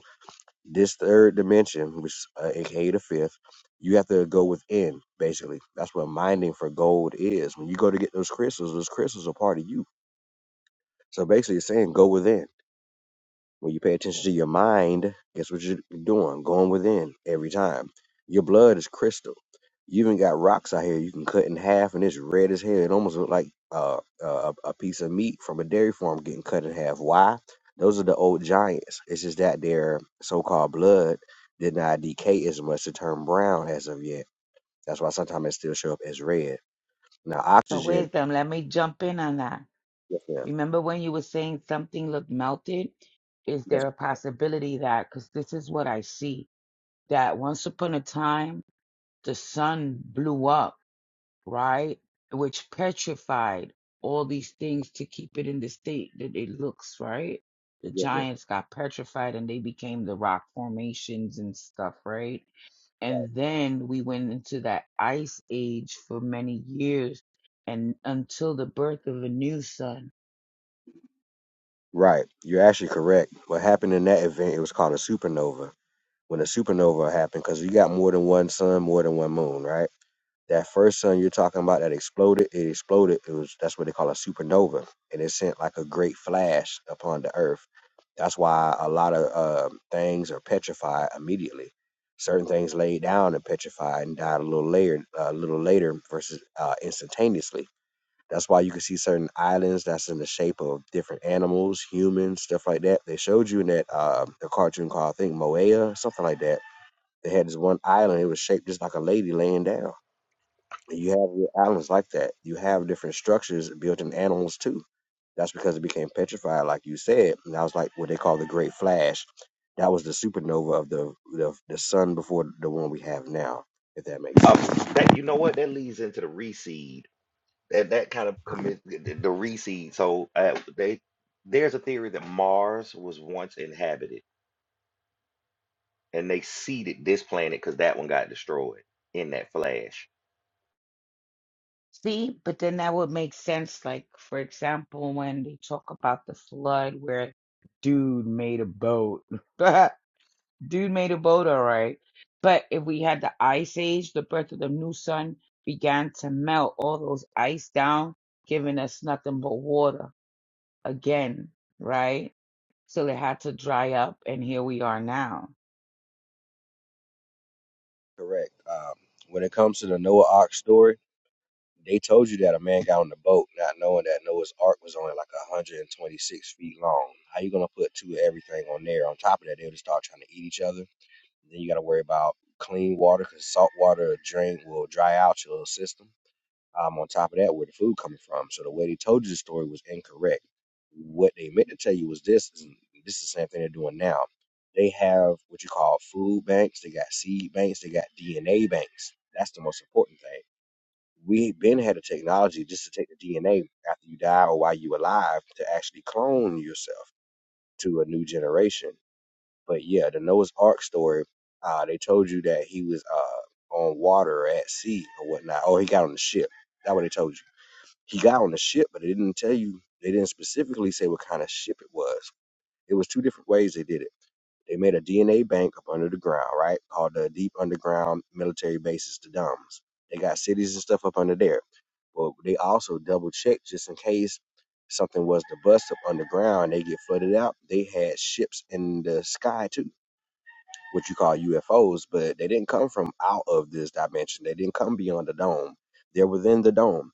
S7: this third dimension, which is uh, aka the fifth, you have to go within. Basically, that's what mining for gold is. When you go to get those crystals, those crystals are part of you. So basically, it's saying go within. When you pay attention to your mind, guess what you're doing? Going within every time. Your blood is crystal. You even got rocks out here you can cut in half, and it's red as hell. It almost look like uh, uh, a a piece of meat from a dairy farm getting cut in half. Why? Those are the old giants. It's just that their so-called blood did not decay as much to turn brown as of yet. That's why sometimes it still show up as red. Now,
S8: So,
S7: oxygen.
S8: wisdom, let me jump in on that.
S7: Yes, ma'am.
S8: Remember when you were saying something looked melted? Is
S7: Yes,
S8: there a possibility that, because this is what I see, that once upon a time the sun blew up? right? Which petrified all these things to keep it in the state that it looks, right? The
S7: yes, ma'am.
S8: giants got petrified and they became the rock formations and stuff, right? And then we went into that ice age for many years and until the birth of a new sun.
S7: Right. You're actually correct. What happened in that event? It was called a supernova when a supernova happened because you got more than one sun, more than one moon, right? That first sun you're talking about that exploded, it exploded. It was that's what they call a supernova, and it sent like a great flash upon the earth. That's why a lot of um things are petrified immediately. Certain things laid down and petrified and died a little later, a little later versus uh, instantaneously. That's why you can see certain islands that's in the shape of different animals, humans, stuff like that. They showed you in that uh, the cartoon called I think Moea, something like that they had this one island. It was shaped just like a lady laying down. And you have your islands like that. You have different structures built in animals too. That's because it became petrified, like you said. And that was like what they call the Great Flash. That was the supernova of the the, the sun before the one we have now. If that makes
S9: Uh,
S7: sense.
S9: that you know what? That leads into the reseed. That that kind of commit the, the the reseed. So uh, they there's a theory that Mars was once inhabited, and they seeded this planet because that one got destroyed in that flash.
S8: See, but then that would make sense. Like, for example, when they talk about the flood where dude made a boat Dude made a boat, all right. But if we had the ice age, the birth of the new sun began to melt all those ice down, giving us nothing but water again, right? So they had to dry up, and here we are now.
S7: correct. Um, when it comes to the Noah Ark story, they told you that a man got on the boat, not knowing that Noah's Ark was only like 126 feet long. How you gonna put two of everything on there? On top of that, they'll just start trying to eat each other Then you got to worry about clean water because salt water drain will dry out your system. Um, on top of that, where the food coming from? So the way they told you the story was incorrect. What they meant to tell you was this. Is this is the same thing they're doing now? They have what you call food banks. They got seed banks. They got DNA banks. That's the most important thing. We've been had a technology just to take the DNA after you die or while you alive to actually clone yourself to a new generation but yeah, the Noah's Ark story, uh, they told you that he was uh on water or at sea or whatnot, or he got on the ship. That's what they told you. He got on the ship, but they didn't tell you. They didn't specifically say what kind of ship it was. It was two different ways they did it. They made a DNA bank up under the ground, right? Called the Deep Underground Military Bases, the DUMS. They got cities and stuff up under there. But they also double checked just in case something was to bust up underground, they get flooded out. They had ships in the sky too what you call UFOs, but they didn't come from out of this dimension. They didn't come beyond the dome. They're within the dome.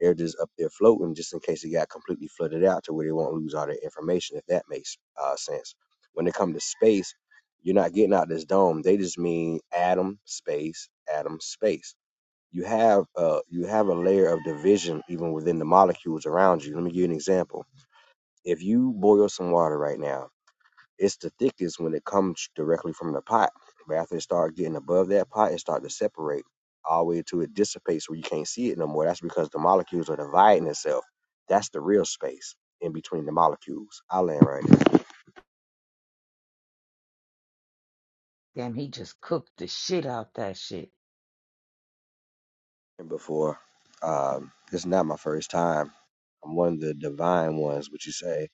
S7: They're just up there floating, just in case it got completely flooded out to where they won't lose all their information. If that makes uh, sense. When it comes to space, you're not getting out this dome. They just mean atom space, atom space. You have uh, you have a layer of division even within the molecules around you. Let me give you an example. If you boil some water right now it's the thickest when it comes directly from the pot. But after it start getting above that pot, it start to separate all the way to it dissipates where you can't see it no more. That's because the molecules are dividing itself. That's the real space in between the molecules. I land right there.
S8: Damn, he just cooked the shit out that shit.
S7: And before, um, it's not my first time. I'm one of the divine ones, would you say?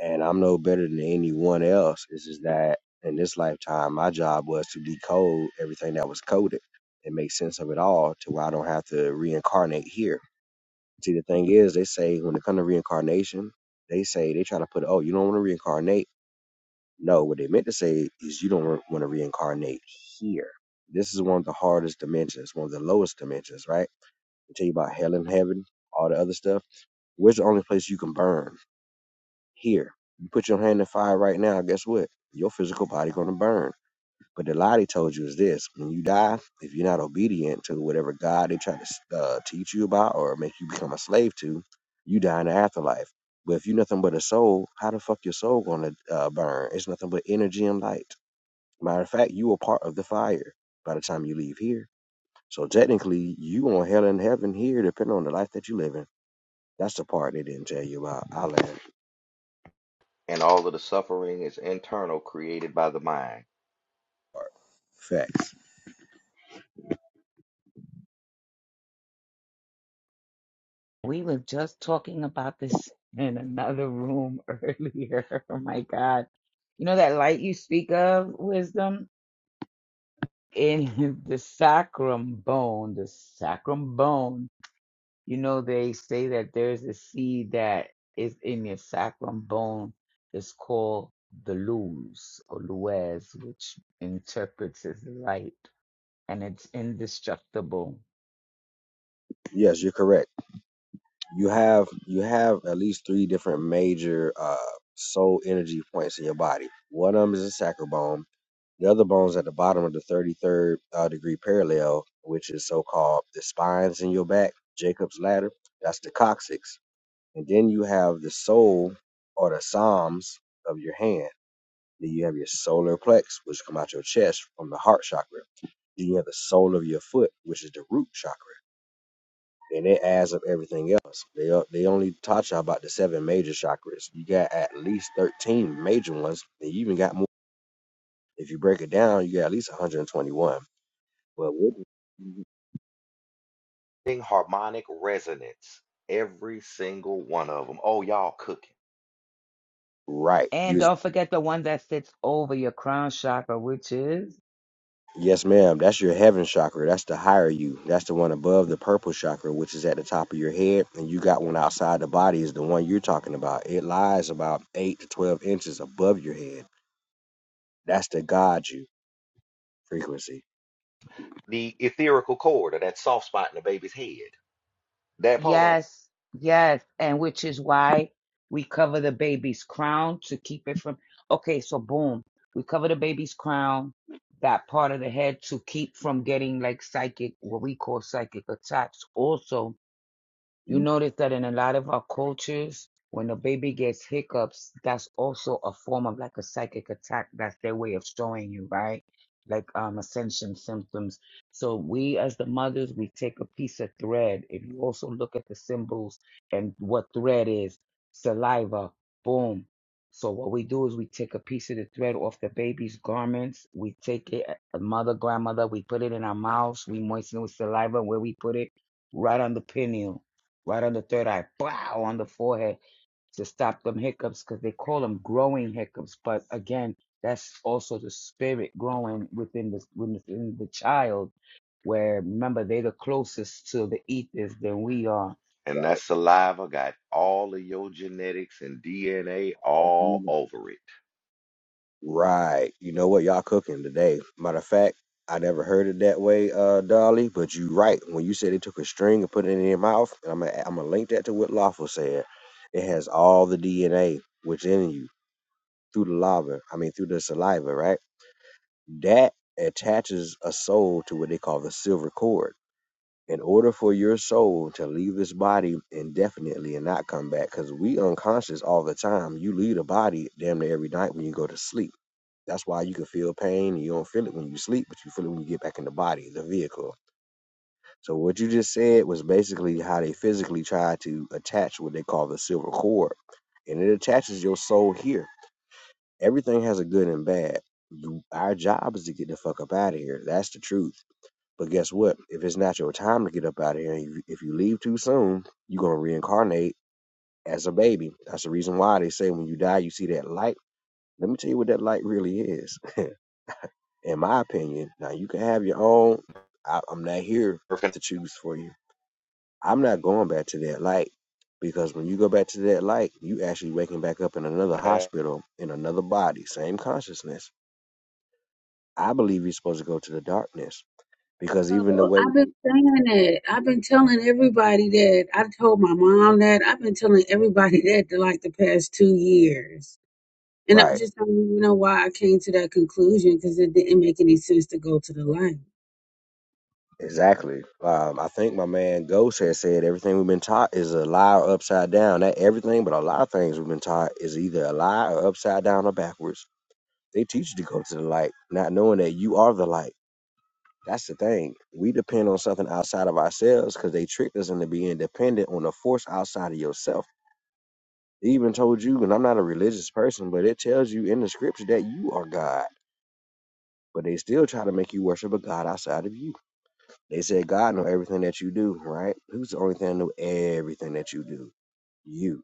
S7: and I'm no better than anyone else. It's just that in this lifetime, my job was to decode everything that was coded and make sense of it all to where I don't have to reincarnate here. See, the thing is, they say when it comes to reincarnation, they say they try to put, oh, you don't want to reincarnate. No, what they meant to say is you don't want to reincarnate here. This is one of the hardest dimensions, one of the lowest dimensions, right? They tell you about hell and heaven, all the other stuff. Where's the only place you can burn? here. You put your hand in the fire right now, guess what? Your physical body gonna burn. But the lie they told you is this: when you die, if you're not obedient to whatever God they try to uh, teach you about or make you become a slave to, you die in the afterlife. But if you're nothing but a soul, how the fuck your soul gonna uh, burn? It's nothing but energy and light. Matter of fact, you are part of the fire by the time you leave here. So technically, you on hell and heaven here, depending on the life that you live in. That's the part they didn't tell you about. I learned
S9: And all of the suffering is internal, created by the mind.
S7: facts.
S8: We were just talking about this in another room earlier. Oh my God. You know that light you speak of, wisdom? In the sacrum bone, the sacrum bone You know, they say that there's a seed that is in your sacrum bone. It's called the luz or luez, which interprets as light, and it's indestructible.
S7: Yes, you're correct. you have you have at least three different major uh soul energy points in your body. One of them is the sacral bone. The other bone's at the bottom of the 33rd uh, degree parallel, which is so called the spines in your back, Jacob's ladder. That's the coccyx. And then you have the soul or the psalms of your hand. Then you have your solar plex, which come out your chest from the heart chakra. Then you have the sole of your foot, which is the root chakra and it adds up everything else. They o- they only taught y'all about the seven major chakras. You got at least thirteen major ones, and you even got more. If you break it down, you got at least one hundred and twenty-one. But what-
S9: Thing harmonic resonance, every single one of them. Oh, y'all cooking
S7: right, you
S8: And
S7: was,
S8: don't forget the one that sits over your crown chakra, which is?
S7: yes, ma'am. That's your heaven chakra. That's the higher you. That's the one above the purple chakra, which is at the top of your head, and you got one outside the body. Is the one you're talking about? It lies about eight to twelve inches above your head. That's the God you frequency.
S9: the etherical cord or that soft spot in the baby's head. That part.
S8: Yes, yes, and which is why we cover the baby's crown to keep it from. Okay, so boom, we cover the baby's crown, that part of the head to keep from getting like psychic, what we call psychic attacks. Also, you
S7: You
S8: notice that in a lot of our cultures, when the baby gets hiccups, that's also a form of like a psychic attack. That's their way of showing you, right? Like um, ascension symptoms. So we, as the mothers, we take a piece of thread. If you also look at the symbols and what thread is, saliva, boom. So what we do is we take a piece of the thread off the baby's garments. We take it, a mother, grandmother, we put it in our mouths. We moisten it with saliva where we put it, right on the pineal right on the third eye, wow, on the forehead to stop them hiccups because they call them growing hiccups. But again, that's also the spirit growing within the within the child. Where remember they're the closest to the ethers than we are.
S9: And that saliva got all of your genetics and DNA all over
S7: Right. You know what? Y'all cooking today. Matter of fact, I never heard it that way, uh, Dolly, but you right. When you said they took a string and put it in their mouth, and I'm gonna, I'm gonna link that to what Lawful said. It has all the DNA within you through the lava, I mean, through the saliva, right? That attaches a soul to what they call the silver cord. In order for your soul to leave this body indefinitely and not come back, because we unconscious all the time, you leave the body damn near every night when you go to sleep that's why you can feel pain. You don't feel it when you sleep, but you feel it when you get back in the body, the vehicle. So what you just said was basically how they physically try to attach what they call the silver cord, and it attaches your soul here. Everything has a good and bad. our job is to get the fuck up out of here. That's the truth. But guess what? If it's not your time to get up out of here, and if you leave too soon, you're gonna reincarnate as a baby. That's the reason why they say when you die, you see that light. Let me tell you what that light really is. in my opinion. Now you can have your own. I, I'm not here
S9: it.
S7: to choose for you. I'm not going back to that light because when you go back to that light, you actually waking back up in another hospital in another body, same consciousness. I believe you're supposed to go to the darkness because even the
S3: Oh,
S7: way
S3: I've been
S7: they,
S3: saying that. I've been telling everybody that. I told my mom that. I've been telling everybody that the, like the past two years. And I
S7: right
S3: just don't even know why I came to that conclusion because it didn't make any sense to go to the light.
S7: exactly. Um, I think my man Ghost has said everything we've been taught is a lie or upside down. Not everything, but a lot of things we've been taught is either a lie or upside down or backwards. They teach you to go to the light, not knowing that you are the light That's the thing. We depend on something outside of ourselves because they tricked us into being dependent on a force outside of yourself. They even told you, and I'm not a religious person, but it tells you in the scripture that you are God. But they still try to make you worship a God outside of you. They said God know everything that you do, right? Who's the only thing that know everything that you do? You.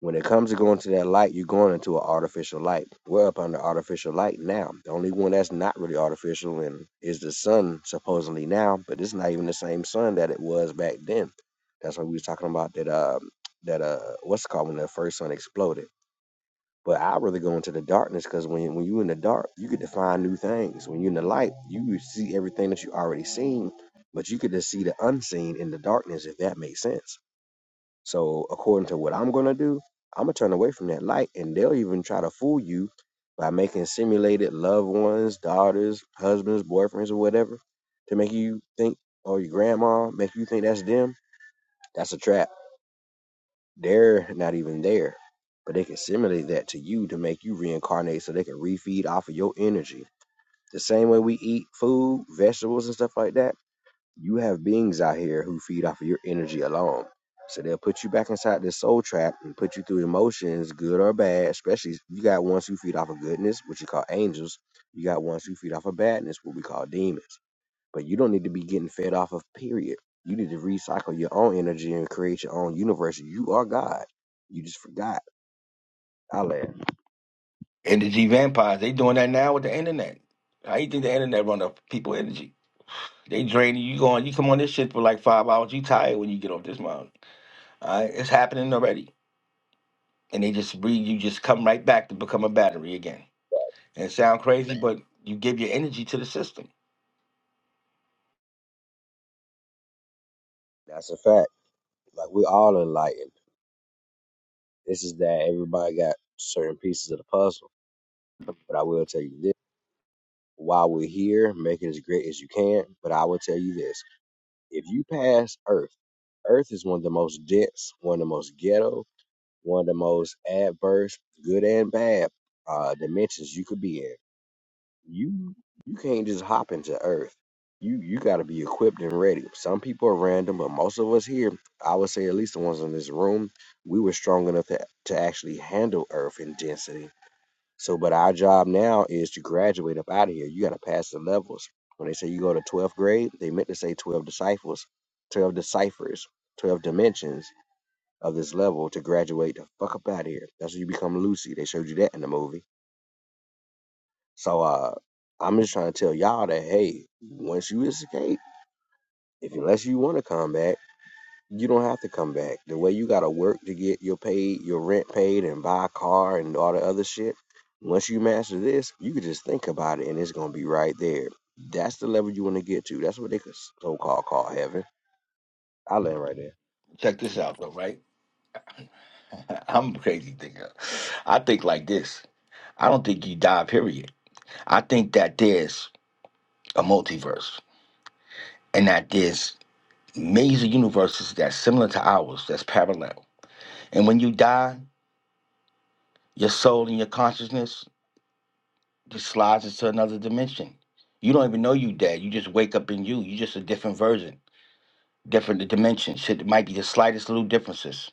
S7: When it comes to going to that light, you're going into an artificial light. We're up under artificial light now. The only one that's not really artificial and is the sun supposedly now, but it's not even the same sun that it was back then. That's why we was talking about that uh that uh what's it called when the first sun exploded. But I really go into the darkness because when when you in the dark, you get to find new things. When you are in the light, you see everything that you already seen, but you get to see the unseen in the darkness if that makes sense. So according to what I'm gonna do, I'm gonna turn away from that light, and they'll even try to fool you by making simulated loved ones, daughters, husbands, boyfriends, or whatever, to make you think, or your grandma, make you think that's them. That's a trap. They're not even there, but they can simulate that to you to make you reincarnate, so they can refeed off of your energy. The same way we eat food, vegetables, and stuff like that you have beings out here who feed off of your energy alone. So they'll put you back inside this soul trap and put you through emotions, good or bad. Especially you got ones who feed off of goodness, which you call angels. You got ones who feed off of badness, what we call demons. But you don't need to be getting fed off of, period. You need to recycle your own energy and create your own universe. You are God. You just forgot. I land.
S1: Energy vampires. They doing that now with the internet. How you think the internet run up people energy? They drain you. You go on. You come on this shit for like five hours. You tired when you get off this mountain. All right, it's happening already. And they just breathe. You just come right back to become a battery again. And it sound crazy, but you give your energy to the system.
S7: That's a fact. Like we're all enlightened. This is that everybody got certain pieces of the puzzle. But I will tell you this. while we're here, make it as great as you can. But I will tell you this if you pass Earth, Earth is one of the most dense, one of the most ghetto, one of the most adverse, good and bad uh, dimensions you could be in. You you can't just hop into Earth. You you got to be equipped and ready. Some people are random, but most of us here, I would say at least the ones in this room, we were strong enough to, to actually handle Earth in density so, but our job now is to graduate up out of here. You got to pass the levels. When they say you go to 12th grade, they meant to say 12 disciples, 12 deciphers, 12 dimensions of this level to graduate the fuck up out of here. That's when you become Lucy. They showed you that in the movie. So, uh, I'm just trying to tell y'all that, hey, once you escape, if unless you want to come back. you don't have to come back. The way you gotta work to get your paid, your rent paid, and buy a car and all the other shit. Once you master this, you can just think about it, and it's gonna be right there. That's the level you want to get to. That's what they could so-called call heaven. I land right there.
S1: Check this out, though. Right? I'm a crazy thinker. I think like this. I don't think you die. Period. I think that there's a multiverse. and that there's major universes that's similar to ours, that's parallel. And when you die, your soul and your consciousness just slides into another dimension. You don't even know you dead. You just wake up in you. You're just a different version, different dimension. Shit, it might be the slightest little differences,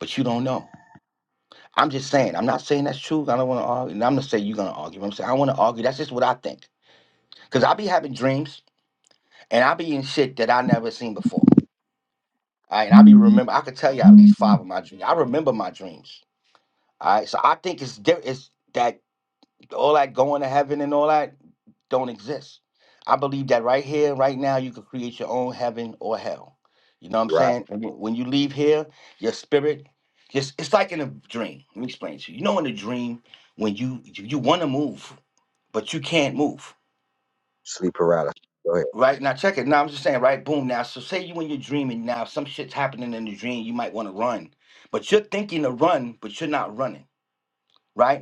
S1: but you don't know. I'm just saying. I'm not saying that's true. I don't want to argue. And I'm not saying you're gonna argue. I'm saying I want to argue. That's just what I think. Cause I be having dreams and I be in shit that I never seen before. All right, and I be remember. I could tell you at least five of my dreams. I remember my dreams. All right. So I think it's di- it's that all that going to heaven and all that don't exist. I believe that right here, right now, you could create your own heaven or hell. You know what I'm
S7: Right,
S1: saying? And wh- When you leave here, your spirit just it's like in a dream. Let me explain to you. You know, in a dream, when you you want to move, but you can't move.
S7: sleep paralysis. Go ahead.
S1: Right now, check it. Now I'm just saying, right? Boom. Now, so say you in your dream, and now some shit's happening in the dream. You might want to run, but you're thinking to run, but you're not running, right?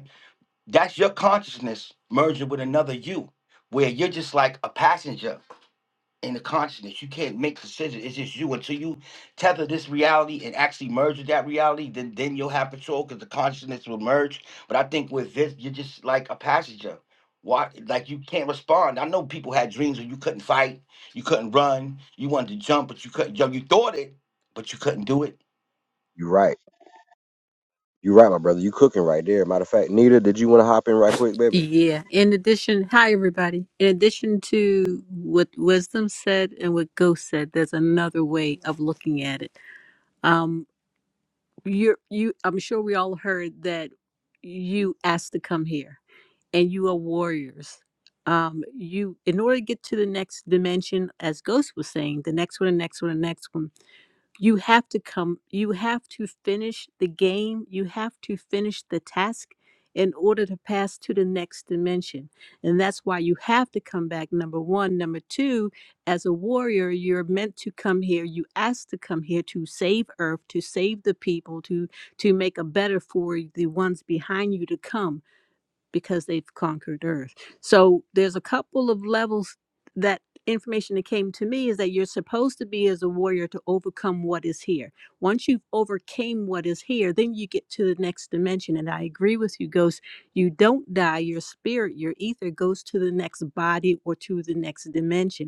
S1: That's your consciousness merging with another you, where you're just like a passenger in the consciousness. You can't make decisions. It's just you until you tether this reality and actually merge with that reality. Then then you'll have control because the consciousness will merge. But I think with this, you're just like a passenger. Why, like you can't respond. I know people had dreams where you couldn't fight, you couldn't run, you wanted to jump, but you couldn't. Yo, you thought it, but you couldn't do it.
S7: You right. You right, my brother. You cooking right there. Matter of fact, Nita, did you want to hop in right quick, baby?
S10: Yeah. In addition, hi everybody. In addition to what wisdom said and what ghost said, there's another way of looking at it. Um, you're you. I'm sure we all heard that you asked to come here, and you are warriors. Um, you in order to get to the next dimension, as Ghost was saying, the next one, the next one, the next one you have to come you have to finish the game you have to finish the task in order to pass to the next dimension and that's why you have to come back number 1 number 2 as a warrior you're meant to come here you asked to come here to save earth to save the people to to make a better for the ones behind you to come because they've conquered earth so there's a couple of levels that information that came to me is that you're supposed to be as a warrior to overcome what is here once you've overcame what is here then you get to the next dimension and i agree with you ghost you don't die your spirit your ether goes to the next body or to the next dimension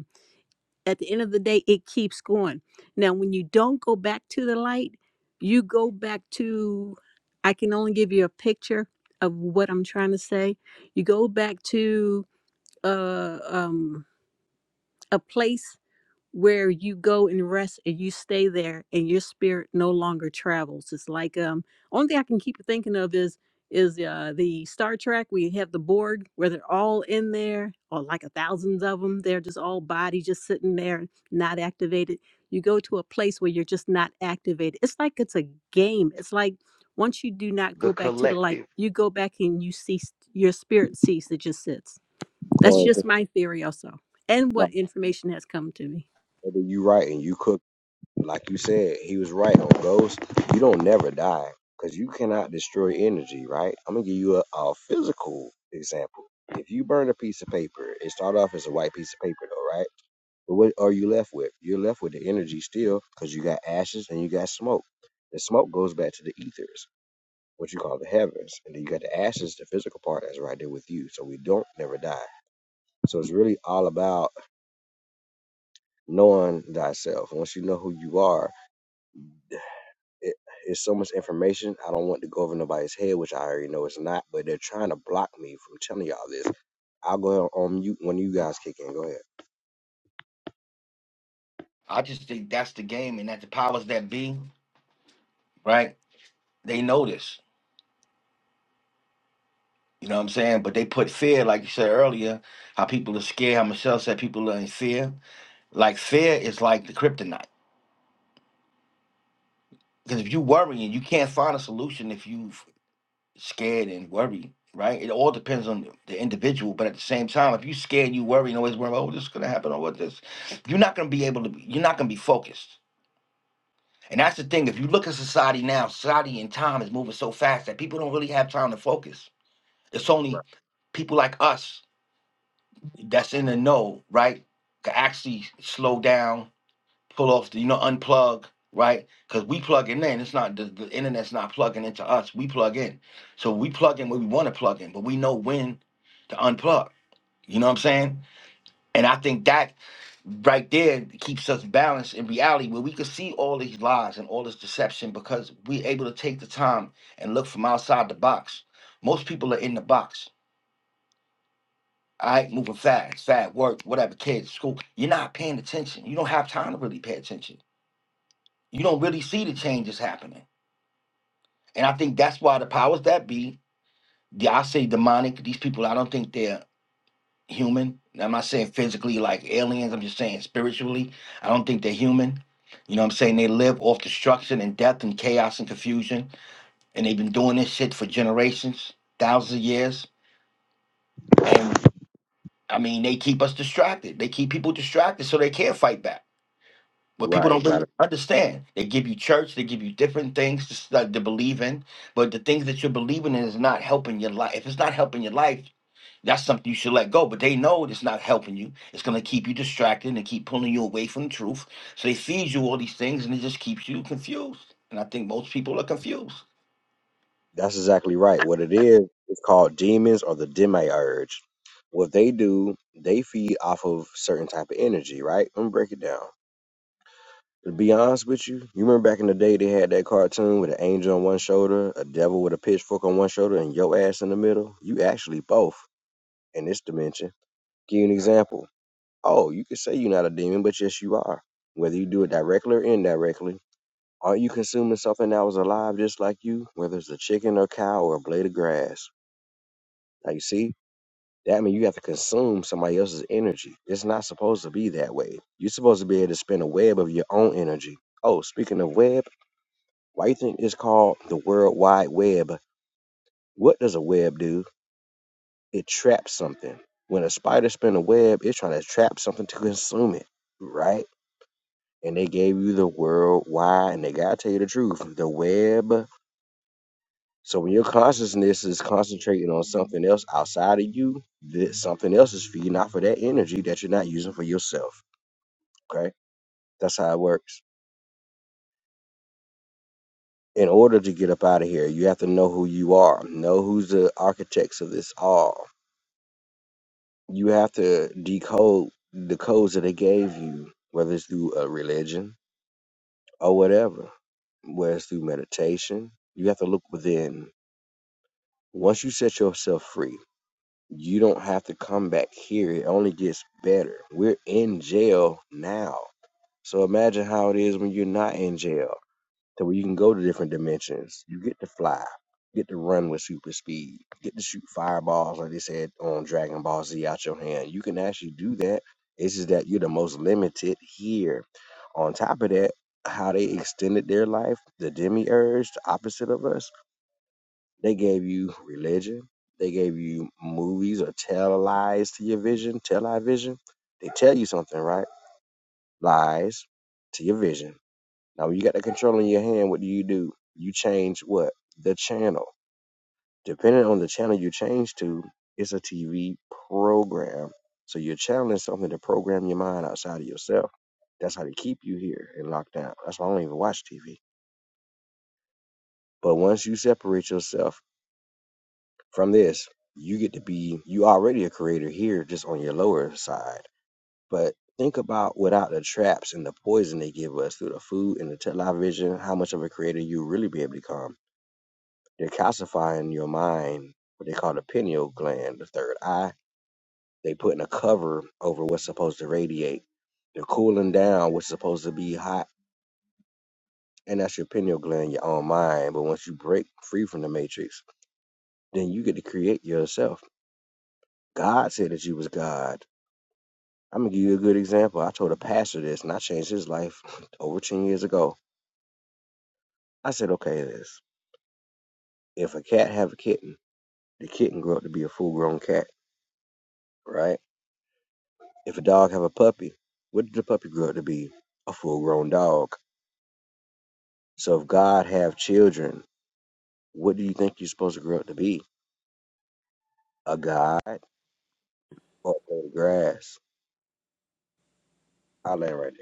S10: at the end of the day, it keeps going. Now, when you don't go back to the light, you go back to, I can only give you a picture of what I'm trying to say. You go back to uh, um, a place where you go and rest and you stay there and your spirit no longer travels it's like um only thing i can keep thinking of is is uh the star trek we have the borg where they're all in there or like a thousands of them they're just all body just sitting there not activated you go to a place where you're just not activated it's like it's a game it's like once you do not
S9: The
S10: go back to the
S9: collective.
S10: light you go back and you cease your spirit cease it just sits that's
S7: Quarantine.
S10: just my theory also and
S7: No,
S10: what information has come to me
S7: baby, you right, and you cooking. Like you said, he was right on ghost. You don't never die because you cannot destroy energy, right? I'm gonna give you a, a physical example. If you burn a piece of paper, it start off as a white piece of paper, though, right? But what are you left with? You're left with the energy still because you got ashes and you got smoke. The smoke goes back to the ethers, what you call the heavens, and then you got the ashes, the physical part that's right there with you. So we don't never die. So it's really all about knowing thyself. Once you know who you are, it, it's so much information. I don't want to go over nobody's head, which I already know it's not, but they're trying to block me from telling y'all this. I'll go ahead on mute when you guys kick in. Go ahead.
S1: I just think that's the game, and that the powers that be, right? They know this You know what I'm saying? But they put fear, like you said earlier, how people are scared, how Michelle said people are in fear. Like fear is like the kryptonite. Because if you worrying, you can't find a solution if you f- scared and worried, right? It all depends on the individual. But at the same time, if you scared you worry and always worry, about, oh, this is gonna happen or what this, you're not gonna be able to be, you're not gonna be focused. And that's the thing. If you look at society now, society and time is moving so fast that people don't really have time to focus. It's
S7: Right.
S1: only people like us that's in the know, right, can actually slow down, pull off the, you know, unplug, right? Because we plug in, it's not the, the internet's not plugging into us. We plug in, so we plug in where we want to plug in, but we know when to unplug. You know what I'm saying? And I think that right there keeps us balanced in reality where we can see all these lies and all this deception because we're able to take the time and look from outside the box. Most people are in the box all right, moving fast, fast work, whatever, kids, school. You're not paying attention. You don't have time to really pay attention. You don't really see the changes happening. And I think that's why the powers that be, the, I say demonic, these people, I don't think they're human. I'm not saying physically like aliens, I'm just saying spiritually. I don't think they're human. You know what I'm saying? They live off destruction and death and chaos and confusion. And they've been doing this shit for generations, thousands of years. And I mean, they keep us distracted. They keep people distracted so they can't fight back. But people
S7: Right.
S1: don't
S7: Matter.
S1: really understand. They give you church, they give you different things to start to believe in, but the things that you're believing in is not helping your life. If it's not helping your life, that's something you should let go. But they know it's not helping you. It's gonna keep you distracted and keep pulling you away from the truth. So they feed you all these things and it just keeps you confused. And I think most people are confused.
S7: That's exactly right. What it is, it's called demons or the demiurge. What they do, they feed off of certain type of energy, right? Let me break it down. To be honest with you, you remember back in the day they had that cartoon with an angel on one shoulder, a devil with a pitchfork on one shoulder, and your ass in the middle? You actually both in this dimension Give you an example. Oh, you could say you're not a demon, but yes, you are. Whether you do it directly or indirectly, aren't you consuming something that was alive just like you? Whether it's a chicken or cow or a blade of grass. Now you see, that means you have to consume somebody else's energy. It's not supposed to be that way. You're supposed to be able to spin a web of your own energy. Oh, speaking of web, why you think it's called the World Wide Web? What does a web do? It traps something. When a spider spins a web, it's trying to trap something to consume it, right? and they gave you the world wide. And they gotta tell you the truth, the web. So when your consciousness is concentrating on something else outside of you, that something else is feeding off of that energy that you're not using for yourself. Okay, that's how it works. In order to get up out of here, you have to know who you are. Know who's the architects of this all. You have to decode the codes that they gave you, whether it's through a religion or whatever, whether it's through meditation. You have to look within Once you set yourself free, you don't have to come back here. It only gets better. We're in jail now. So imagine how it is when you're not in jail, to where you can go to different dimensions. You get to fly, get to run with super speed, get to shoot fireballs, like they said on Dragon Ball Z out your hand. You can actually do that. It's just that you're the most limited here. On top of that, how they extended their life, the demiurge, the opposite of us they gave you religion. They gave you movies or tell lies to your vision, tell lie vision. They tell you something, right? Lies to your vision. Now, when you got the control in your hand, what do you do? You change what? The channel. Depending on the channel you change to, it's a TV program. So you're channeling something to program your mind outside of yourself. That's how they keep you here in lockdown. That's why I don't even watch TV. But once you separate yourself From this, you get to be you already a creator here just on your lower side. But think about without the traps and the poison they give us through the food and the television, how much of a creator you really be able to become. They're calcifying your mind, what they call the pineal gland, the third eye. They putting a cover over what's supposed to radiate. They're cooling down what's supposed to be hot. And that's your pineal gland, your own mind. But once you break free from the matrix, then you get to create yourself. God said that you was God. I'm gonna give you a good example. I told a pastor this, and I changed his life over ten years ago. I said, okay, this if a cat have a kitten, the kitten grew up to be a full grown cat, right? If a dog have a puppy, what did the puppy grow up to be? A full grown dog. So if God have children, what do you think you're supposed to grow up to be? A god or a blade of grass? I land right there.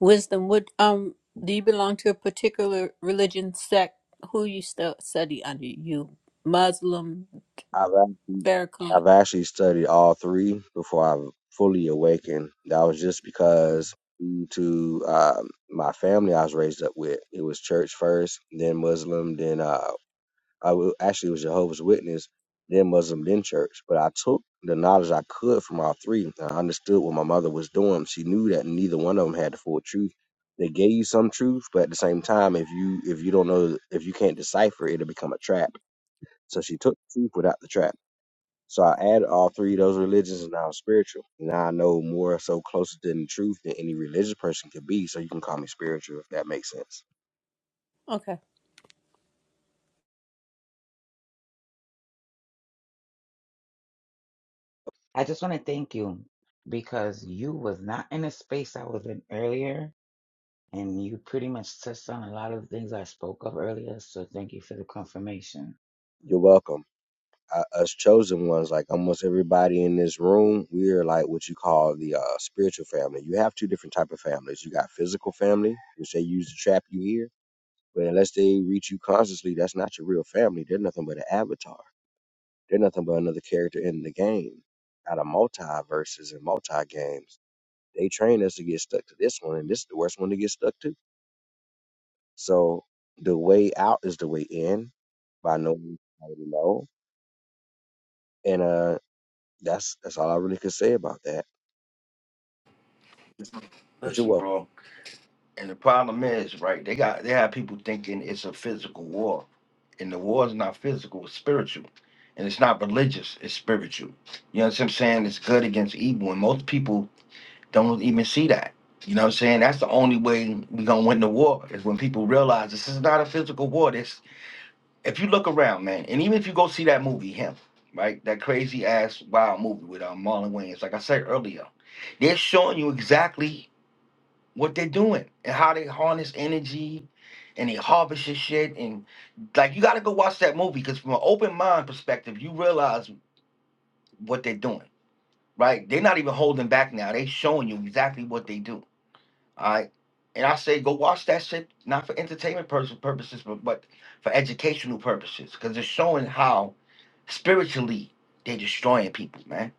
S10: Wisdom, would um, do you belong to a particular religion sect? Who you stu- study under? You Muslim,
S7: I've actually,
S10: Farrakhan?
S7: I've actually studied all three before I fully awakened. That was just because due to um, my family I was raised up with. It was church first, then Muslim, then uh, I w- actually was Jehovah's Witness, then Muslim, then church. But I took the knowledge I could from all three. I understood what my mother was doing. She knew that neither one of them had the full truth. They gave you some truth, but at the same time, if you if you don't know if you can't decipher, it, it'll become a trap. So she took the truth without the trap. So I added all three of those religions and now I'm spiritual. Now I know more so closer to the truth than any religious person could be. So you can call me spiritual if that makes sense.
S10: Okay.
S8: I just want to thank you because you was not in a space I was in earlier, and you pretty much touched on a lot of the things I spoke of earlier. So thank you for the confirmation.
S7: You're welcome. Uh, us chosen ones, like almost everybody in this room, we are like what you call the uh, spiritual family. You have two different type of families. You got physical family, which they use to trap you here, but unless they reach you consciously, that's not your real family. They're nothing but an avatar. They're nothing but another character in the game. Out of multiverses and multi games They trained us to get stuck to this one, and this is the worst one to get stuck to. So the way out is the way in by no means, to know. And uh, that's that's all I really could say about that. But you're
S1: Listen,
S7: welcome.
S1: bro. And the problem is, right, they got they have people thinking it's a physical war. And the war is not physical, it's spiritual. And it's not religious, it's spiritual. You know what I'm saying? It's good against evil. And most people don't even see that. You know what I'm saying? That's the only way we're gonna win the war is when people realize this is not a physical war. This if you look around, man, and even if you go see that movie, him, right? That crazy ass wild movie with um, Marlon Wayans, like I said earlier, they're showing you exactly what they're doing and how they harness energy and they harvest your shit and like you got to go watch that movie because from an open mind perspective you realize what they're doing right they're not even holding back now they showing you exactly what they do all right and i say go watch that shit not for entertainment pur- purposes but, but for educational purposes because it's showing how spiritually they're destroying people man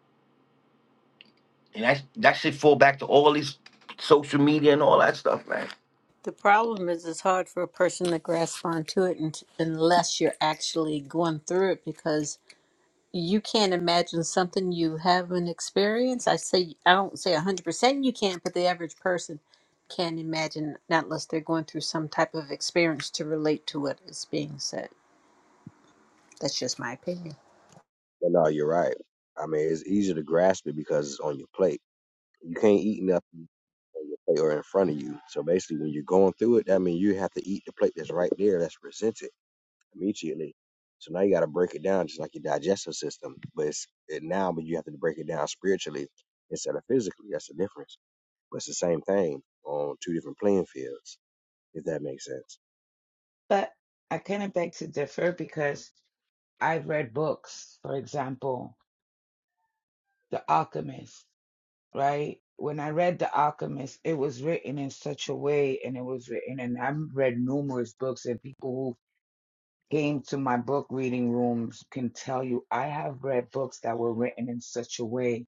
S1: and that that shit fall back to all these social media and all that stuff man
S10: The problem is, it's hard for a person to grasp onto it un- unless you're actually going through it because you can't imagine something you haven't experienced. I say I don't say hundred percent you can't, but the average person can't imagine not unless they're going through some type of experience to relate to what is being said. That's just my opinion.
S7: But no, you're right. I mean, it's easier to grasp it because it's on your plate. You can't eat nothing on your plate or in front of you. So basically, when you're going through it, that means you have to eat the plate that's right there, that's presented. immediately. So now you got to break it down just like your digestive system, but it's it now, but you have to break it down spiritually instead of physically. That's the difference. But it's the same thing on two different playing fields, if that makes sense.
S8: But I kind of beg to differ because I've read books, for example, The Alchemist, right? When I read The Alchemist, it was written in such a way, and it was written, and I've read numerous books, and people who came to my book reading rooms can tell you I have read books that were written in such a way.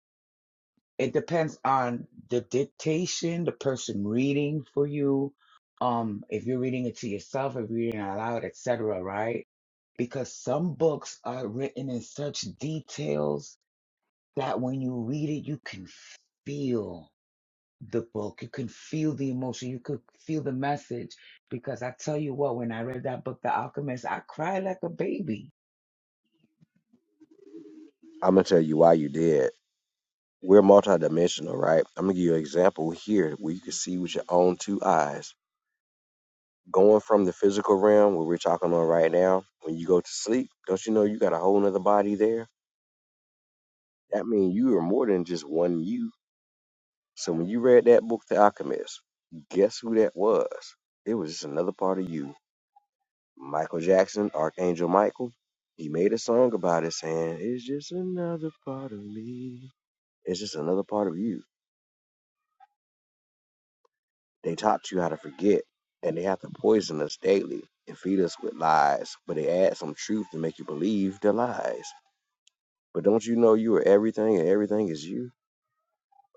S8: It depends on the dictation, the person reading for you, um, if you're reading it to yourself, if you're reading it aloud, loud, etc., right? Because some books are written in such details that when you read it, you can feel the book. You can feel the emotion. You could feel the message. Because I tell you what, when I read that book, The Alchemist, I cried like a baby.
S7: I'm gonna tell you why you did. We're multidimensional, right? I'm gonna give you an example here where you can see with your own two eyes. Going from the physical realm where we're talking on right now, when you go to sleep, don't you know you got a whole nother body there? That means you are more than just one you So when you read that book, The Alchemist, guess who that was? It was just another part of you. Michael Jackson, Archangel Michael, he made a song about it saying, It's just another part of me. It's just another part of you. They taught you how to forget, and they have to poison us daily and feed us with lies, but they add some truth to make you believe the lies. But don't you know you are everything and everything is you?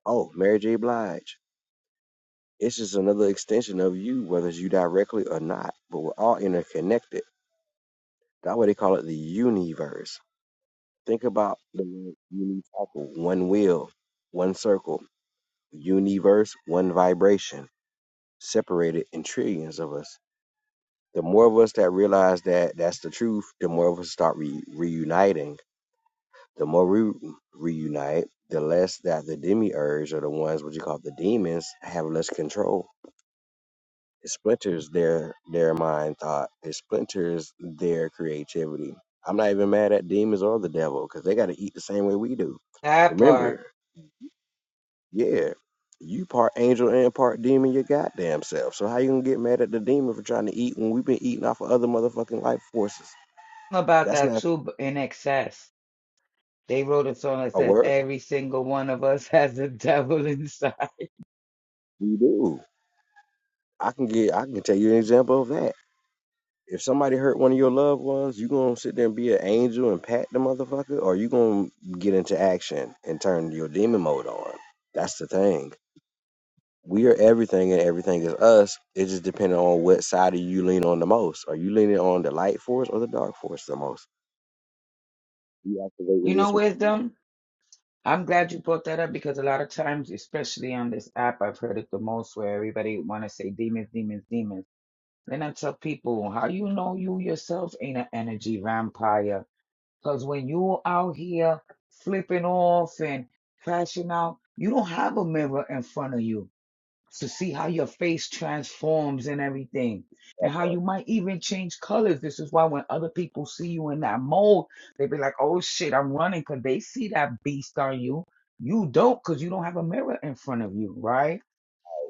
S7: Oh, Mary J. Blige. It's just another extension of you, whether it's you directly or not. But we're all interconnected. That's why they call it the universe. Think about the word unicycle, one wheel, one circle, universe, one vibration, separated in trillions of us. The more of us that realize that that's the truth, the more of us start re- reuniting. The more we reunite, the less that the demiurge or the ones what you call the demons have less control It splinters their their mind thought. It splinters their creativity. I'm not even mad at demons or the devil because they got to eat the same way we do.
S8: That part
S7: Remember, yeah, you part angel and part demon, your goddamn self. So how you gonna get mad at the demon for trying to eat when we've been eating off of other motherfucking life forces?
S8: about
S7: That's
S8: that
S7: not
S8: too, but in excess. They wrote a song that
S7: a
S8: says,
S7: word.
S8: Every single one of us has a devil inside.
S7: We do. I can get. I can tell you an example of that. if somebody hurt one of your loved ones, you gonna sit there and be an angel and pat the motherfucker, or you gonna get into action and turn your demon mode on. That's the thing. We are everything, and everything is us. It just depends on what side of you lean on the most. Are you leaning on the light force or the dark force the most? You
S8: You
S7: activating this
S8: know,
S7: one.
S8: wisdom? I'm glad you brought that up because a lot of times, especially on this app, I've heard it the most where everybody want to say demons, demons, demons. Then I tell people, how you know you yourself ain't an energy vampire? Because when you out here flipping off and crashing out, you don't have a mirror in front of you to see how your face transforms and everything, and how you might even change colors. This is why when other people see you in that mold, they be like, oh shit, I'm running because they see that beast on you. You don't because you don't have a mirror in front of you, right?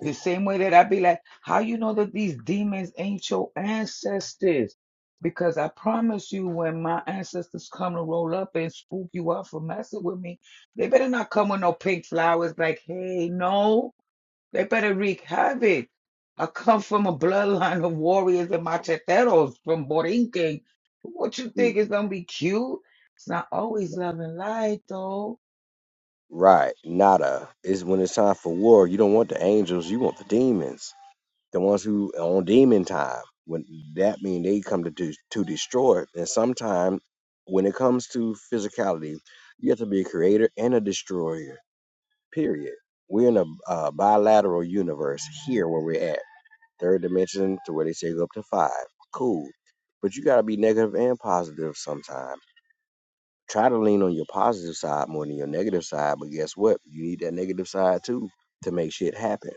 S8: The same way that I be like, how you know that these demons ain't your ancestors? Because I promise you, when my ancestors come to roll up and spook you up for messing with me, they better not come with no pink flowers like, hey, no, they better wreak havoc. I come from a bloodline of warriors and macheteros from Borinquen. What you think is gonna be cute? It's not always love and light, though.
S7: Right, nada. It's when it's time for war. You don't want the angels. You want the demons. the ones who are on demon time when that mean they come to do, to destroy it. and sometimes when it comes to physicality you have to be a creator and a destroyer period we're in a, uh bilateral universe here where we're at third dimension to where they say go up to five cool but you got to be negative and positive sometimes try to lean on your positive side more than your negative side but guess what you need that negative side too to make shit happen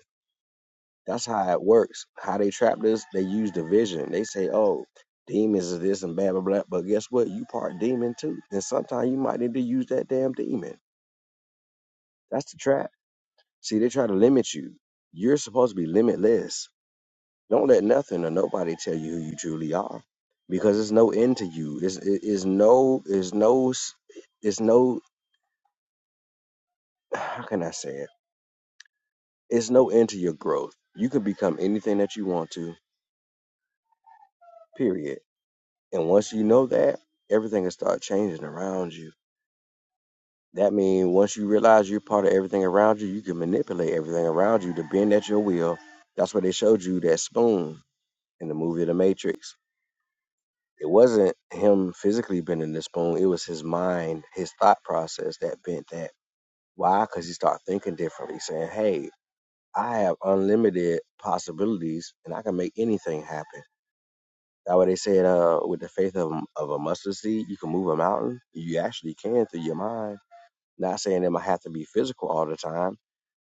S7: that's how it works. How they trap this, they use division. They say, oh, demons is this and blah, blah, blah. But guess what? You part demon too. And sometimes you might need to use that damn demon. That's the trap. See, they try to limit you. You're supposed to be limitless. Don't let nothing or nobody tell you who you truly are because there's no end to you. It's, it- it's no, it's no, s- it's no, how can I say it? It's no end to your growth. You can become anything that you want to, period And once you know that, everything will start changing around you. That means once you realize you're part of everything around you, you can manipulate everything around you to bend at your will. That's what they showed you that spoon in the movie The Matrix. It wasn't him physically bending the spoon, it was his mind, his thought process that bent that. Why? Because he started thinking differently, saying, hey, I have unlimited possibilities and I can make anything happen. That's why they said, uh, with the faith of, of a mustard seed, you can move a mountain. You actually can through your mind. Not saying it might have to be physical all the time,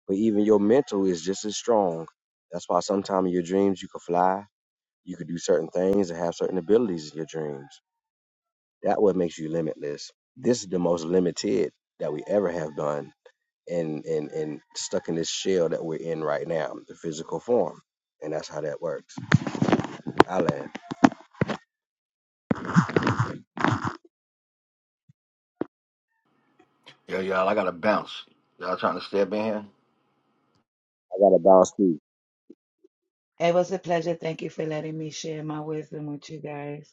S7: but even your mental is just as strong. That's why sometimes in your dreams you can fly, you could do certain things and have certain abilities in your dreams. That what makes you limitless. This is the most limited that we ever have done and and and stuck in this shell that we're in right now, the physical form. And that's how that works. I land.
S1: Yeah, y'all, I gotta bounce. Y'all trying to step in here?
S7: I got a bounce too.
S8: It was a pleasure. Thank you for letting me share my wisdom with you guys.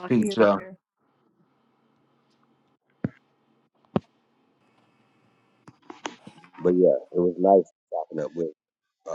S10: I'll
S1: Peace,
S10: hear
S1: y'all.
S10: later.
S7: But yeah, it was nice chopping up with. uh